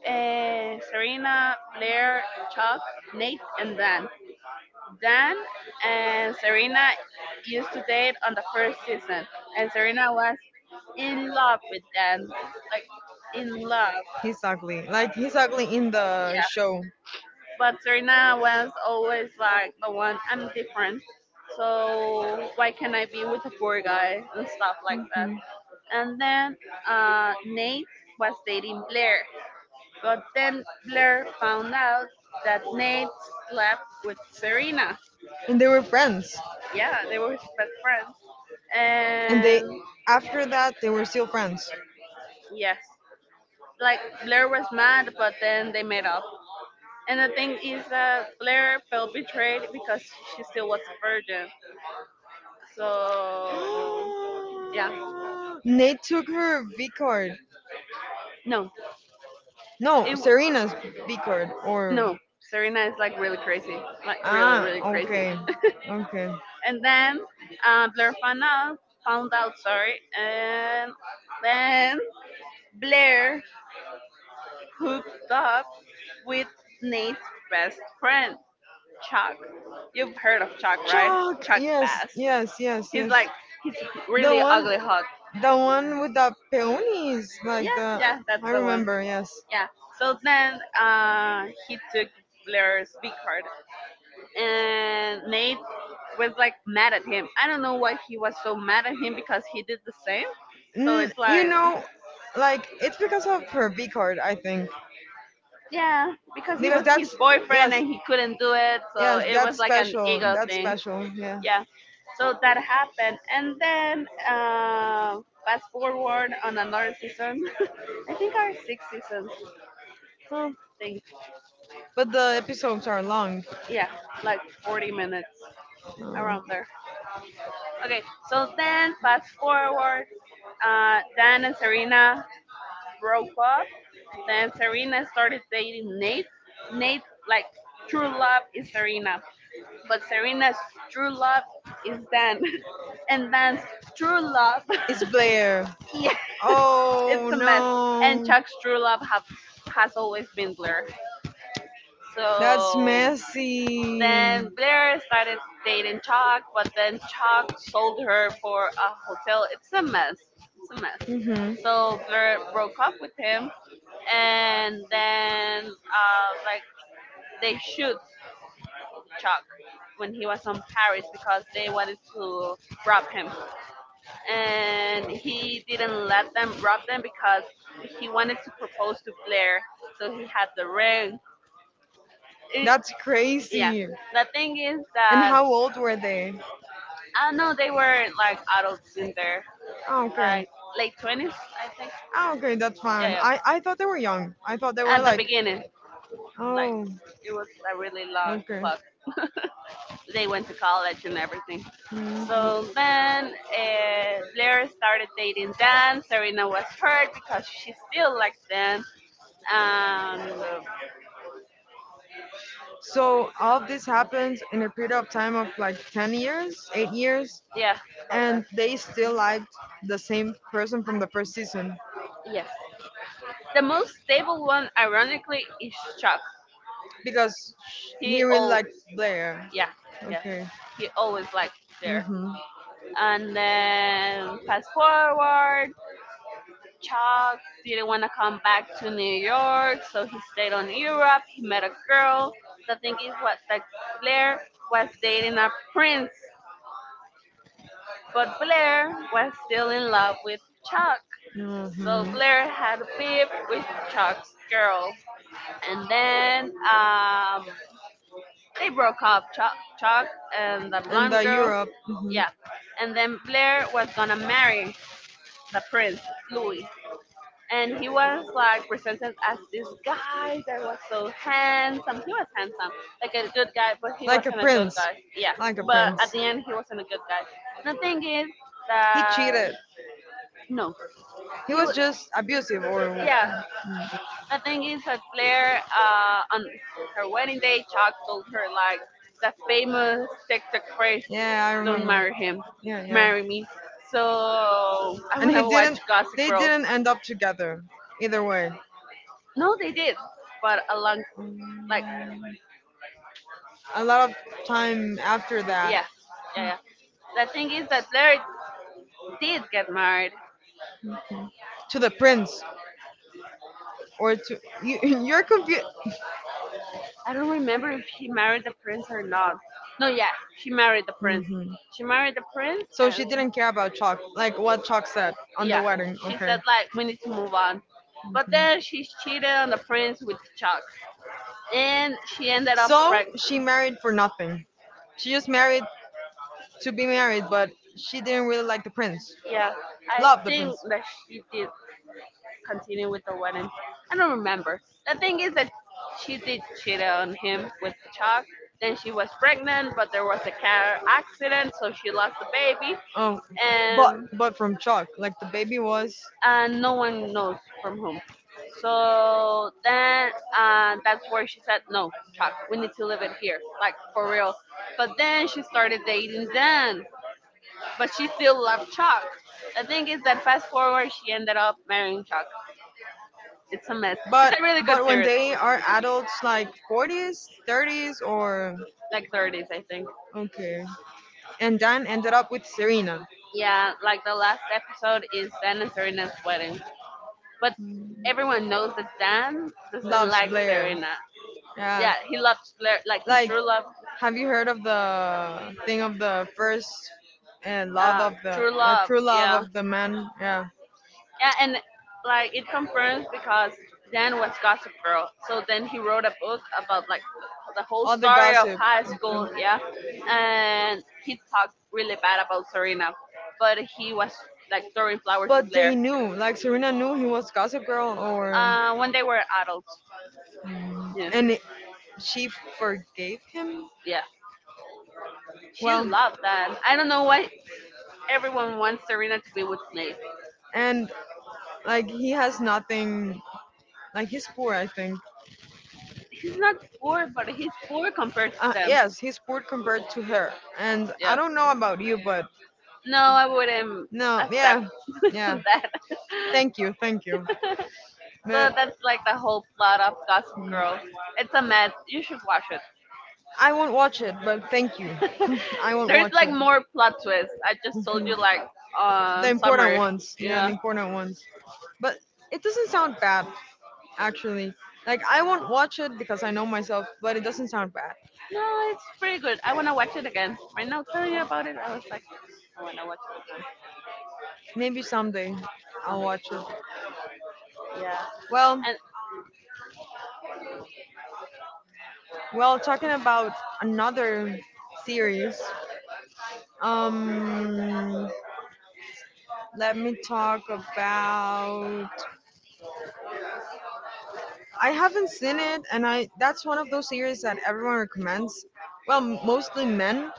[SPEAKER 2] Uh, Serena, Blair, Chuck, Nate, and Dan. Dan and Serena used to date on the first season, and Serena was in love with Dan, like in love,
[SPEAKER 1] He's ugly. Like, he's ugly in the
[SPEAKER 2] yeah.
[SPEAKER 1] show.
[SPEAKER 2] But Serena was always like the one, I'm different, so why can't I be with a poor guy and stuff like that. And then uh, Nate was dating Blair, but then Blair found out that Nate slept with Serena.
[SPEAKER 1] And they were friends.
[SPEAKER 2] Yeah, they were best friends,
[SPEAKER 1] And they,
[SPEAKER 2] and
[SPEAKER 1] after that, they were still friends.
[SPEAKER 2] yes. Like Blair was mad, but then they made up. And the thing is that Blair felt betrayed because she still was a virgin. So yeah,
[SPEAKER 1] Nate took her V card.
[SPEAKER 2] no,
[SPEAKER 1] No,
[SPEAKER 2] it
[SPEAKER 1] Serena's V card. Or
[SPEAKER 2] no. Serena is like really crazy, like really
[SPEAKER 1] ah,
[SPEAKER 2] really crazy.
[SPEAKER 1] okay. Okay.
[SPEAKER 2] And then uh, Blair found out, found out, sorry, and then Blair hooked up with Nate's best friend, Chuck. You've heard of Chuck, right?
[SPEAKER 1] Chalk.
[SPEAKER 2] Chuck
[SPEAKER 1] Yes,
[SPEAKER 2] Bass.
[SPEAKER 1] yes, yes,
[SPEAKER 2] He's
[SPEAKER 1] yes.
[SPEAKER 2] like he's
[SPEAKER 1] The
[SPEAKER 2] really
[SPEAKER 1] one,
[SPEAKER 2] ugly hot.
[SPEAKER 1] the one with the peonies, like
[SPEAKER 2] Yeah,
[SPEAKER 1] the.
[SPEAKER 2] yeah, that's
[SPEAKER 1] I
[SPEAKER 2] the one.
[SPEAKER 1] remember. Yes.
[SPEAKER 2] Yeah. So then uh he took Blair's B card, and Nate was like mad at him. I don't know why he was so mad at him because he did the same. So
[SPEAKER 1] Mm,
[SPEAKER 2] it's
[SPEAKER 1] you
[SPEAKER 2] like,
[SPEAKER 1] know, like it's because of her B card, I think.
[SPEAKER 2] yeah, because he
[SPEAKER 1] Because
[SPEAKER 2] was
[SPEAKER 1] that's
[SPEAKER 2] his boyfriend
[SPEAKER 1] yes,
[SPEAKER 2] and he couldn't do it, so
[SPEAKER 1] yes,
[SPEAKER 2] it was
[SPEAKER 1] that's
[SPEAKER 2] like an
[SPEAKER 1] special.
[SPEAKER 2] ego
[SPEAKER 1] That's
[SPEAKER 2] thing.
[SPEAKER 1] special. Yeah.
[SPEAKER 2] Yeah. So that happened, and then uh fast forward on another season. I think our sixth season.
[SPEAKER 1] Huh.
[SPEAKER 2] They,
[SPEAKER 1] But the episodes are long.
[SPEAKER 2] yeah, like forty minutes
[SPEAKER 1] Oh.
[SPEAKER 2] around there. Okay, so then fast forward, uh, Dan and Serena broke up. Then Serena started dating Nate. Nate, like, true love is Serena, but Serena's true love is Dan. And Dan's true love,
[SPEAKER 1] It's Blair.
[SPEAKER 2] yeah, it's
[SPEAKER 1] Oh
[SPEAKER 2] a mess. And
[SPEAKER 1] no.
[SPEAKER 2] Chuck's true love have, has always been Blair.
[SPEAKER 1] That's
[SPEAKER 2] So
[SPEAKER 1] messy.
[SPEAKER 2] then Blair started dating Chuck, but then Chuck sold her for a hotel. It's a mess. It's a mess.
[SPEAKER 1] Hmm.
[SPEAKER 2] So Blair broke up with him, and then uh, like they shoot Chuck when he was on Paris because they wanted to rob him, and he didn't let them rob them because he wanted to propose to Blair. So he had the ring. It-
[SPEAKER 1] That's
[SPEAKER 2] yeah,
[SPEAKER 1] crazy.
[SPEAKER 2] the thing is
[SPEAKER 1] And
[SPEAKER 2] that
[SPEAKER 1] how old were they?
[SPEAKER 2] I know they were like adults in there,
[SPEAKER 1] Oh, okay.
[SPEAKER 2] like late twenties, I think.
[SPEAKER 1] Oh, okay, that's fine.
[SPEAKER 2] Yeah,
[SPEAKER 1] I, I thought they were young. I thought they
[SPEAKER 2] yeah.
[SPEAKER 1] were
[SPEAKER 2] At the
[SPEAKER 1] like,
[SPEAKER 2] beginning, like
[SPEAKER 1] oh,
[SPEAKER 2] it was a really long
[SPEAKER 1] okay.
[SPEAKER 2] plot. They went to college and everything. So
[SPEAKER 1] Mhm.
[SPEAKER 2] then uh, Blair started dating Dan. Serena was hurt because she still likes Dan. And uh,
[SPEAKER 1] So all of this happens in a period of time of like ten years, eight years,
[SPEAKER 2] yeah, about that.
[SPEAKER 1] and they still liked the same person from the first season
[SPEAKER 2] Yes. The most stable one, ironically, is Chuck.
[SPEAKER 1] because he
[SPEAKER 2] He
[SPEAKER 1] really
[SPEAKER 2] all
[SPEAKER 1] liked Blair.
[SPEAKER 2] Yeah, yeah.
[SPEAKER 1] Okay.
[SPEAKER 2] He always liked Blair.
[SPEAKER 1] Mm-hmm.
[SPEAKER 2] And then fast forward, Chuck didn't want to come back to New York, so he stayed on Europe. He met a girl. The thing is, what that Blair was dating a prince, but Blair was still in love with Chuck. So
[SPEAKER 1] Mm-hmm.
[SPEAKER 2] Blair had a beef with Chuck's girl, and then um, they broke up. Chuck, Chuck, and the
[SPEAKER 1] And
[SPEAKER 2] blonde
[SPEAKER 1] the
[SPEAKER 2] girl.
[SPEAKER 1] Europe. Mhm.
[SPEAKER 2] Yeah, and then Blair was gonna marry the prince, Louis. And he was like presented as this guy that was so handsome. He was handsome, like a good guy, but he
[SPEAKER 1] Like a
[SPEAKER 2] wasn't a good
[SPEAKER 1] prince.
[SPEAKER 2] guy. Yeah,
[SPEAKER 1] Like a
[SPEAKER 2] but
[SPEAKER 1] prince.
[SPEAKER 2] at the end, he wasn't a good guy. The thing is
[SPEAKER 1] He
[SPEAKER 2] that
[SPEAKER 1] cheated.
[SPEAKER 2] no,
[SPEAKER 1] He
[SPEAKER 2] he
[SPEAKER 1] was
[SPEAKER 2] was.
[SPEAKER 1] just abusive or
[SPEAKER 2] Yeah, the thing is that Blair, uh, on her wedding day, Chuck told her like the famous TikTok phrase,
[SPEAKER 1] yeah, I
[SPEAKER 2] "Don't
[SPEAKER 1] remember.
[SPEAKER 2] marry him,
[SPEAKER 1] Yeah, yeah.
[SPEAKER 2] marry me." So I
[SPEAKER 1] And he
[SPEAKER 2] wanna watch
[SPEAKER 1] didn't
[SPEAKER 2] Gossip
[SPEAKER 1] they
[SPEAKER 2] Girl.
[SPEAKER 1] didn't end up together either way.
[SPEAKER 2] No, they did, but a long, like,
[SPEAKER 1] A lot of time after that
[SPEAKER 2] yeah, yeah, yeah. The thing is that Blair did get married.
[SPEAKER 1] to the prince or to you, you're confused.
[SPEAKER 2] I don't remember if she married the prince or not. No, yeah, she married the prince.
[SPEAKER 1] Hmm.
[SPEAKER 2] She married the prince,
[SPEAKER 1] So she
[SPEAKER 2] and
[SPEAKER 1] didn't care about Chalk, like what Chalk said on the
[SPEAKER 2] yeah,
[SPEAKER 1] wedding.
[SPEAKER 2] she
[SPEAKER 1] Okay.
[SPEAKER 2] said like we need to move on. But
[SPEAKER 1] Mhm.
[SPEAKER 2] then she cheated on the prince with Chuck, and she ended up
[SPEAKER 1] So
[SPEAKER 2] pregnant.
[SPEAKER 1] she married for nothing. She just married to be married, but she didn't really like the prince.
[SPEAKER 2] Yeah, I
[SPEAKER 1] Love the prince.
[SPEAKER 2] think that she did continue with the wedding. I don't remember. The thing is that she did cheat on him with the chalk. Then she was pregnant, but there was a car accident, so she lost the baby,
[SPEAKER 1] Oh, but
[SPEAKER 2] and
[SPEAKER 1] but from Chalk, like the baby was.
[SPEAKER 2] and no one knows from whom. So then uh, that's where she said, "No, Chuck, we need to leave it here, like for real." But then she started dating Dan, but she still loved Chuck. The thing is that fast forward, she ended up marrying Chuck. It's a mess.
[SPEAKER 1] But
[SPEAKER 2] It's a really good
[SPEAKER 1] but when
[SPEAKER 2] series.
[SPEAKER 1] they are adults, like forties, thirties, or
[SPEAKER 2] Like thirties, I think.
[SPEAKER 1] okay, and Dan ended up with Serena.
[SPEAKER 2] Yeah, like the last episode is Dan and Serena's wedding. But everyone knows that Dan doesn't
[SPEAKER 1] Loves
[SPEAKER 2] like
[SPEAKER 1] Blair.
[SPEAKER 2] Serena.
[SPEAKER 1] Yeah.
[SPEAKER 2] Yeah, he loves Lar- like his
[SPEAKER 1] Like,
[SPEAKER 2] true love,
[SPEAKER 1] have you heard of the thing of the first uh, love
[SPEAKER 2] uh,
[SPEAKER 1] of the
[SPEAKER 2] true
[SPEAKER 1] the
[SPEAKER 2] love.
[SPEAKER 1] true love
[SPEAKER 2] Yeah,
[SPEAKER 1] of the man? Yeah.
[SPEAKER 2] yeah, and like it confirms because Dan was Gossip Girl. So then he wrote a book about like the whole
[SPEAKER 1] All the
[SPEAKER 2] story of
[SPEAKER 1] gossip.
[SPEAKER 2] high school. Yeah, and he talked really bad about Serena, but he was like throwing flowers to
[SPEAKER 1] But they
[SPEAKER 2] Blair
[SPEAKER 1] knew, like Serena knew he was Gossip Girl, or
[SPEAKER 2] uh, when they were adults. Yeah,
[SPEAKER 1] and it- she forgave him.
[SPEAKER 2] yeah. She
[SPEAKER 1] Well,
[SPEAKER 2] loved that. I don't know why everyone wants Serena to be with Nate.
[SPEAKER 1] and like he has nothing. Like he's poor, I think.
[SPEAKER 2] He's not poor, but he's poor compared to
[SPEAKER 1] Uh,
[SPEAKER 2] them.
[SPEAKER 1] yes, he's poor compared to her. And I
[SPEAKER 2] Yeah.
[SPEAKER 1] don't know about you, but
[SPEAKER 2] No, I wouldn't
[SPEAKER 1] no,
[SPEAKER 2] accept
[SPEAKER 1] yeah, yeah.
[SPEAKER 2] that.
[SPEAKER 1] Thank you, thank you.
[SPEAKER 2] So
[SPEAKER 1] But
[SPEAKER 2] that's like the whole plot of Gossip Girl. It's a mess. You should watch it.
[SPEAKER 1] I won't watch it, but thank you. I won't
[SPEAKER 2] There's
[SPEAKER 1] watch
[SPEAKER 2] like
[SPEAKER 1] it.
[SPEAKER 2] more plot twists. I just told
[SPEAKER 1] Mhm.
[SPEAKER 2] you like
[SPEAKER 1] The
[SPEAKER 2] on
[SPEAKER 1] important
[SPEAKER 2] summer.
[SPEAKER 1] ones. Yeah, the
[SPEAKER 2] Yeah.
[SPEAKER 1] important ones. But it doesn't sound bad, actually. Like, I won't watch it because I know myself, but it doesn't sound bad.
[SPEAKER 2] No, it's pretty good. I wanna watch it again. Right now telling you about it, I was like, I wanna watch
[SPEAKER 1] Maybe someday
[SPEAKER 2] it
[SPEAKER 1] I'll
[SPEAKER 2] again.
[SPEAKER 1] watch it.
[SPEAKER 2] So, yeah.
[SPEAKER 1] Well,
[SPEAKER 2] And
[SPEAKER 1] well, talking about another series. Um, let me talk about I haven't seen it, and I that's one of those series that everyone recommends. Well, mostly men.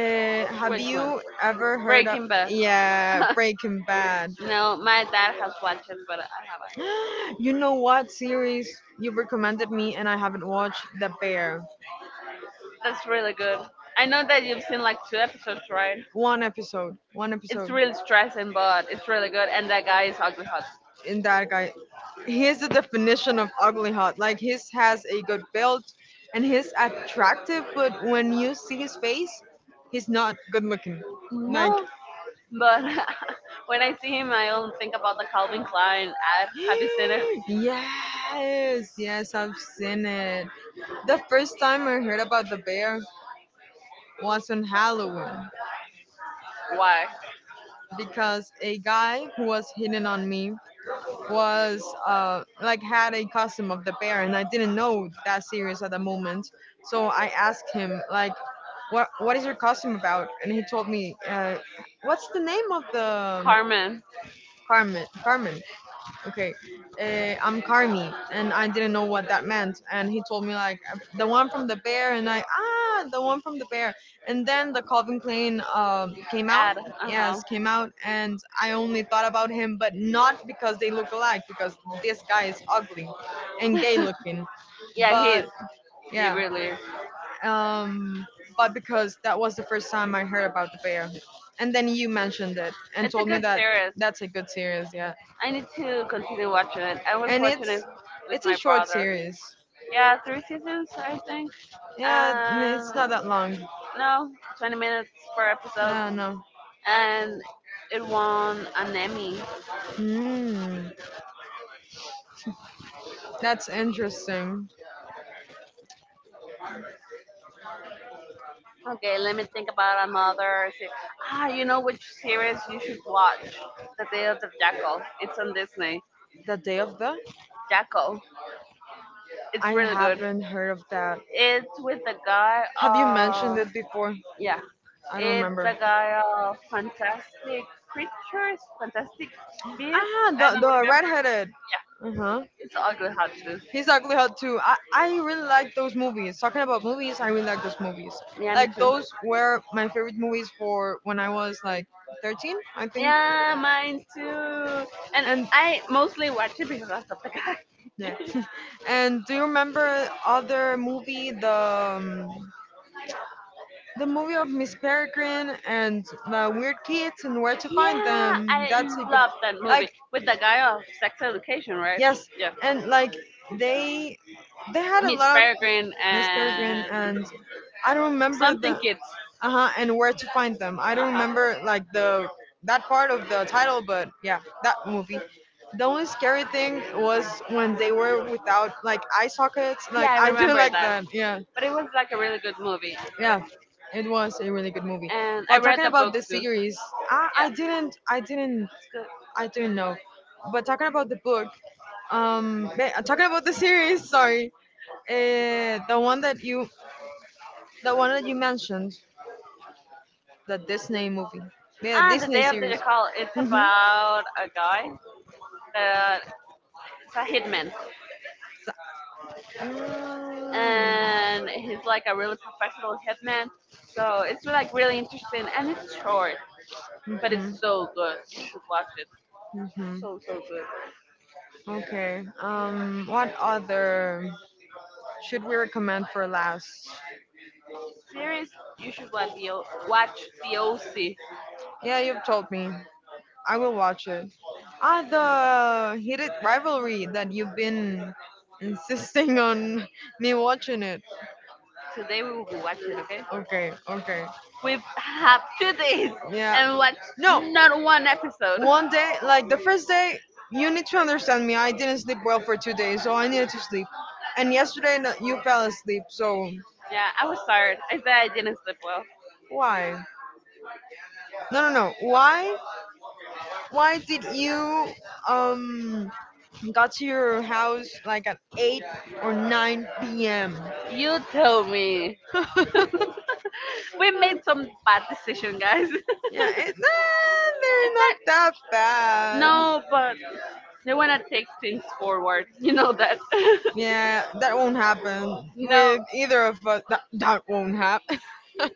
[SPEAKER 1] Uh, have
[SPEAKER 2] which one?
[SPEAKER 1] you ever heard of
[SPEAKER 2] Breaking Bad.
[SPEAKER 1] yeah Breaking Bad?
[SPEAKER 2] No, my dad has watched it, but I haven't.
[SPEAKER 1] You know what series you have recommended me and I haven't watched The Bear.
[SPEAKER 2] That's really good. I know that you've seen like two episodes, right?
[SPEAKER 1] One episode. One
[SPEAKER 2] It's
[SPEAKER 1] episode.
[SPEAKER 2] really stressing, but it's really good. And that guy is ugly hot.
[SPEAKER 1] In that guy, he is the definition of ugly hot. Like his has a good build and he's attractive, but when you see his face, he's not good looking. Like
[SPEAKER 2] No, but when I see him, I only think about the Calvin Klein ad. Have you seen it?
[SPEAKER 1] yes, yes, I've seen it. The first time I heard about the bear was on Halloween
[SPEAKER 2] Why?
[SPEAKER 1] because a guy who was hitting on me was uh, like had a costume of the bear and I didn't know that series at the moment. So I asked him like, "What what is your costume about?" And he told me, uh, "What's the name of the um,
[SPEAKER 2] Carmen
[SPEAKER 1] Carmen Carmen?" Okay, uh, I'm Carmi, and I didn't know what that meant. And he told me like the one from the bear, and I ah the one from the bear. And then the Calvin Klein um, came out,
[SPEAKER 2] ad.
[SPEAKER 1] yes,
[SPEAKER 2] Uh
[SPEAKER 1] came out, and I only thought about him, but not because they look alike, because this guy is ugly and gay
[SPEAKER 2] huh.
[SPEAKER 1] looking,
[SPEAKER 2] Yeah, he is.
[SPEAKER 1] but
[SPEAKER 2] He
[SPEAKER 1] yeah,
[SPEAKER 2] really is.
[SPEAKER 1] um, but because that was the first time I heard about the bear. And then you mentioned it and
[SPEAKER 2] It's a
[SPEAKER 1] told me
[SPEAKER 2] good
[SPEAKER 1] that
[SPEAKER 2] series.
[SPEAKER 1] that's a good series. Yeah.
[SPEAKER 2] I need to continue watching it. I was
[SPEAKER 1] And it's
[SPEAKER 2] watching it with
[SPEAKER 1] it's a
[SPEAKER 2] my
[SPEAKER 1] short
[SPEAKER 2] brother.
[SPEAKER 1] series.
[SPEAKER 2] Yeah, three seasons, I think.
[SPEAKER 1] Yeah, n-
[SPEAKER 2] And
[SPEAKER 1] it's not that long.
[SPEAKER 2] no, twenty minutes per episode.
[SPEAKER 1] Yeah, no.
[SPEAKER 2] And it won an Emmy.
[SPEAKER 1] Hmm, that's interesting.
[SPEAKER 2] Okay, let me think about another se- Ah, you know which series you should watch? The Day of the Jackal. It's on Disney.
[SPEAKER 1] The Day of the?
[SPEAKER 2] Jackal. It's
[SPEAKER 1] I
[SPEAKER 2] really good.
[SPEAKER 1] haven't heard of that.
[SPEAKER 2] It's with the guy.
[SPEAKER 1] Have you mentioned
[SPEAKER 2] Uh,
[SPEAKER 1] it before?
[SPEAKER 2] yeah,
[SPEAKER 1] I don't
[SPEAKER 2] it's
[SPEAKER 1] remember.
[SPEAKER 2] a guy of fantastic creatures, fantastic beasts.
[SPEAKER 1] Ah,
[SPEAKER 2] I
[SPEAKER 1] the
[SPEAKER 2] don't
[SPEAKER 1] the
[SPEAKER 2] remember.
[SPEAKER 1] redheaded.
[SPEAKER 2] Yeah,
[SPEAKER 1] Uh huh.
[SPEAKER 2] it's ugly how to.
[SPEAKER 1] He's ugly hot too. I I really like those movies. Talking about movies, I really like those movies.
[SPEAKER 2] Yeah, me
[SPEAKER 1] Like
[SPEAKER 2] too.
[SPEAKER 1] those were my favorite movies for when I was like thirteen, I think.
[SPEAKER 2] Yeah, mine too. And
[SPEAKER 1] And
[SPEAKER 2] I mostly watch it because of the guy.
[SPEAKER 1] yeah. And do you remember other movie the um, the movie of Miss Peregrine and the weird kids and where to find
[SPEAKER 2] Yeah,
[SPEAKER 1] them?
[SPEAKER 2] I
[SPEAKER 1] That's a good
[SPEAKER 2] love that
[SPEAKER 1] like
[SPEAKER 2] movie with the guy of sex education, right?
[SPEAKER 1] yes,
[SPEAKER 2] Yeah,
[SPEAKER 1] and like they they had a
[SPEAKER 2] Miss
[SPEAKER 1] lot of
[SPEAKER 2] Peregrine
[SPEAKER 1] Miss Peregrine,
[SPEAKER 2] and
[SPEAKER 1] and I don't remember
[SPEAKER 2] something
[SPEAKER 1] the
[SPEAKER 2] kids.
[SPEAKER 1] uh huh and where to find them. I
[SPEAKER 2] Uh
[SPEAKER 1] don't
[SPEAKER 2] huh.
[SPEAKER 1] remember like the that part of the title, but yeah, that movie. The only scary thing was when they were without like eye sockets. Like
[SPEAKER 2] Yeah, I
[SPEAKER 1] I didn't
[SPEAKER 2] remember
[SPEAKER 1] like
[SPEAKER 2] that.
[SPEAKER 1] that. Yeah,
[SPEAKER 2] But it was like a really good movie,
[SPEAKER 1] yeah, it was a really good movie.
[SPEAKER 2] and I
[SPEAKER 1] But
[SPEAKER 2] read
[SPEAKER 1] talking
[SPEAKER 2] the
[SPEAKER 1] about
[SPEAKER 2] book
[SPEAKER 1] the
[SPEAKER 2] too.
[SPEAKER 1] series, I,
[SPEAKER 2] Yeah.
[SPEAKER 1] I didn't I didn't
[SPEAKER 2] School.
[SPEAKER 1] I don't know. But talking about the book, um, ba- uh, talking about the series, sorry, uh, the one that you, the one that you mentioned, the Disney movie, yeah,
[SPEAKER 2] Ah, the
[SPEAKER 1] Disney
[SPEAKER 2] Day of the
[SPEAKER 1] series.
[SPEAKER 2] Jackal. It's
[SPEAKER 1] Mm-hmm.
[SPEAKER 2] about a guy that it's a hitman,
[SPEAKER 1] So, mm,
[SPEAKER 2] and he's like a really professional hitman. So it's like really interesting, and it's short, but it's
[SPEAKER 1] mm-hmm.
[SPEAKER 2] so good. You should watch it.
[SPEAKER 1] Mm-hmm.
[SPEAKER 2] So so good.
[SPEAKER 1] Okay. Um, what other should we recommend for last?
[SPEAKER 2] Series, you should watch the O- watch the O C.
[SPEAKER 1] Yeah, you've told me. I will watch it. Ah, the heated rivalry that you've been insisting on me watching it.
[SPEAKER 2] Today we will be watching. Okay,
[SPEAKER 1] Okay, okay.
[SPEAKER 2] we have two days
[SPEAKER 1] Yeah.
[SPEAKER 2] and watch
[SPEAKER 1] No,
[SPEAKER 2] not one episode.
[SPEAKER 1] one day, like the first day, you need to understand me. I didn't sleep well for two days, so I needed to sleep. And yesterday, no- you fell asleep, so
[SPEAKER 2] Yeah, I was tired. I said I didn't sleep well.
[SPEAKER 1] why? No, no, no. Why? Why did you um got to your house like at eight or nine p.m.
[SPEAKER 2] You tell me. We made some bad decision, guys.
[SPEAKER 1] Yeah, it,
[SPEAKER 2] It's
[SPEAKER 1] nah, they're not
[SPEAKER 2] not,
[SPEAKER 1] that bad.
[SPEAKER 2] no, but they wanna take things forward. You know that.
[SPEAKER 1] Yeah, that won't happen
[SPEAKER 2] No,
[SPEAKER 1] with either of us. That, that won't happen. that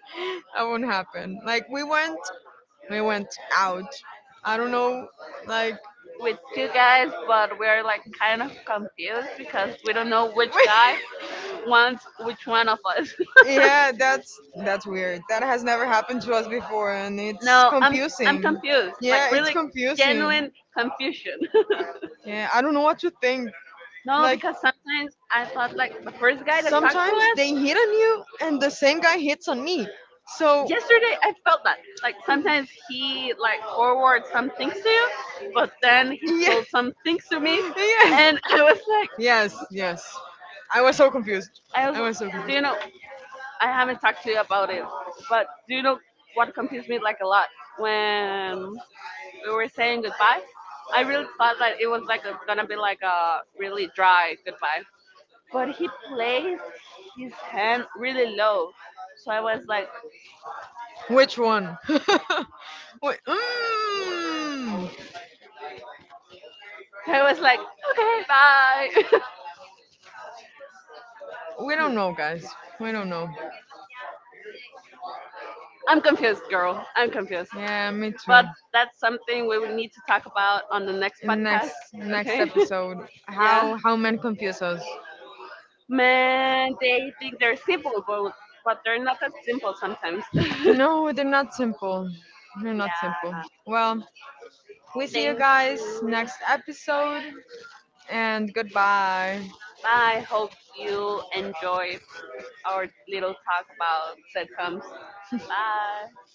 [SPEAKER 1] won't happen. Like we went, we went out. I don't know, like
[SPEAKER 2] with two guys, but we're like kind of confused because we don't know which guy wants which one of us.
[SPEAKER 1] yeah, that's that's weird. That has never happened to us before, and it's
[SPEAKER 2] No, I'm I'm
[SPEAKER 1] confusing.
[SPEAKER 2] confused. Like
[SPEAKER 1] Yeah, it's
[SPEAKER 2] really genuine
[SPEAKER 1] confusing.
[SPEAKER 2] confusion.
[SPEAKER 1] Yeah, I don't know what to think.
[SPEAKER 2] No,
[SPEAKER 1] Like
[SPEAKER 2] because sometimes I thought like the first guy that talked to
[SPEAKER 1] sometimes
[SPEAKER 2] us
[SPEAKER 1] they hit on you, and the same guy hits on me. So
[SPEAKER 2] yesterday, I felt that like
[SPEAKER 1] yeah,
[SPEAKER 2] sometimes he like forwards some things to you, but then he
[SPEAKER 1] yes,
[SPEAKER 2] told some things to me, and I was like,
[SPEAKER 1] yes, yes. I was so confused.
[SPEAKER 2] I was,
[SPEAKER 1] I was so
[SPEAKER 2] do
[SPEAKER 1] confused.
[SPEAKER 2] you know, I haven't talked to you about it, but do you know what confused me like a lot when we were saying goodbye? I really thought that it was like a, gonna be like a really dry goodbye, but he placed his hand really low, so I was like,
[SPEAKER 1] Which one? Wait, mm,
[SPEAKER 2] I was like, okay, bye.
[SPEAKER 1] we don't know, guys. We don't know.
[SPEAKER 2] I'm confused, girl. I'm confused.
[SPEAKER 1] Yeah, me too.
[SPEAKER 2] But that's something we will need to talk about on the next
[SPEAKER 1] In the
[SPEAKER 2] podcast.
[SPEAKER 1] next next
[SPEAKER 2] Okay?
[SPEAKER 1] episode,
[SPEAKER 2] Yeah.
[SPEAKER 1] how how men confuse us.
[SPEAKER 2] Man, they think they're simple, but but they're not that simple sometimes.
[SPEAKER 1] No, they're not simple. They're not
[SPEAKER 2] Yeah.
[SPEAKER 1] simple. Well, we see you
[SPEAKER 2] Thank
[SPEAKER 1] guys
[SPEAKER 2] you.
[SPEAKER 1] next episode and goodbye.
[SPEAKER 2] Bye. Hope you enjoyed our little talk about sitcoms. Bye.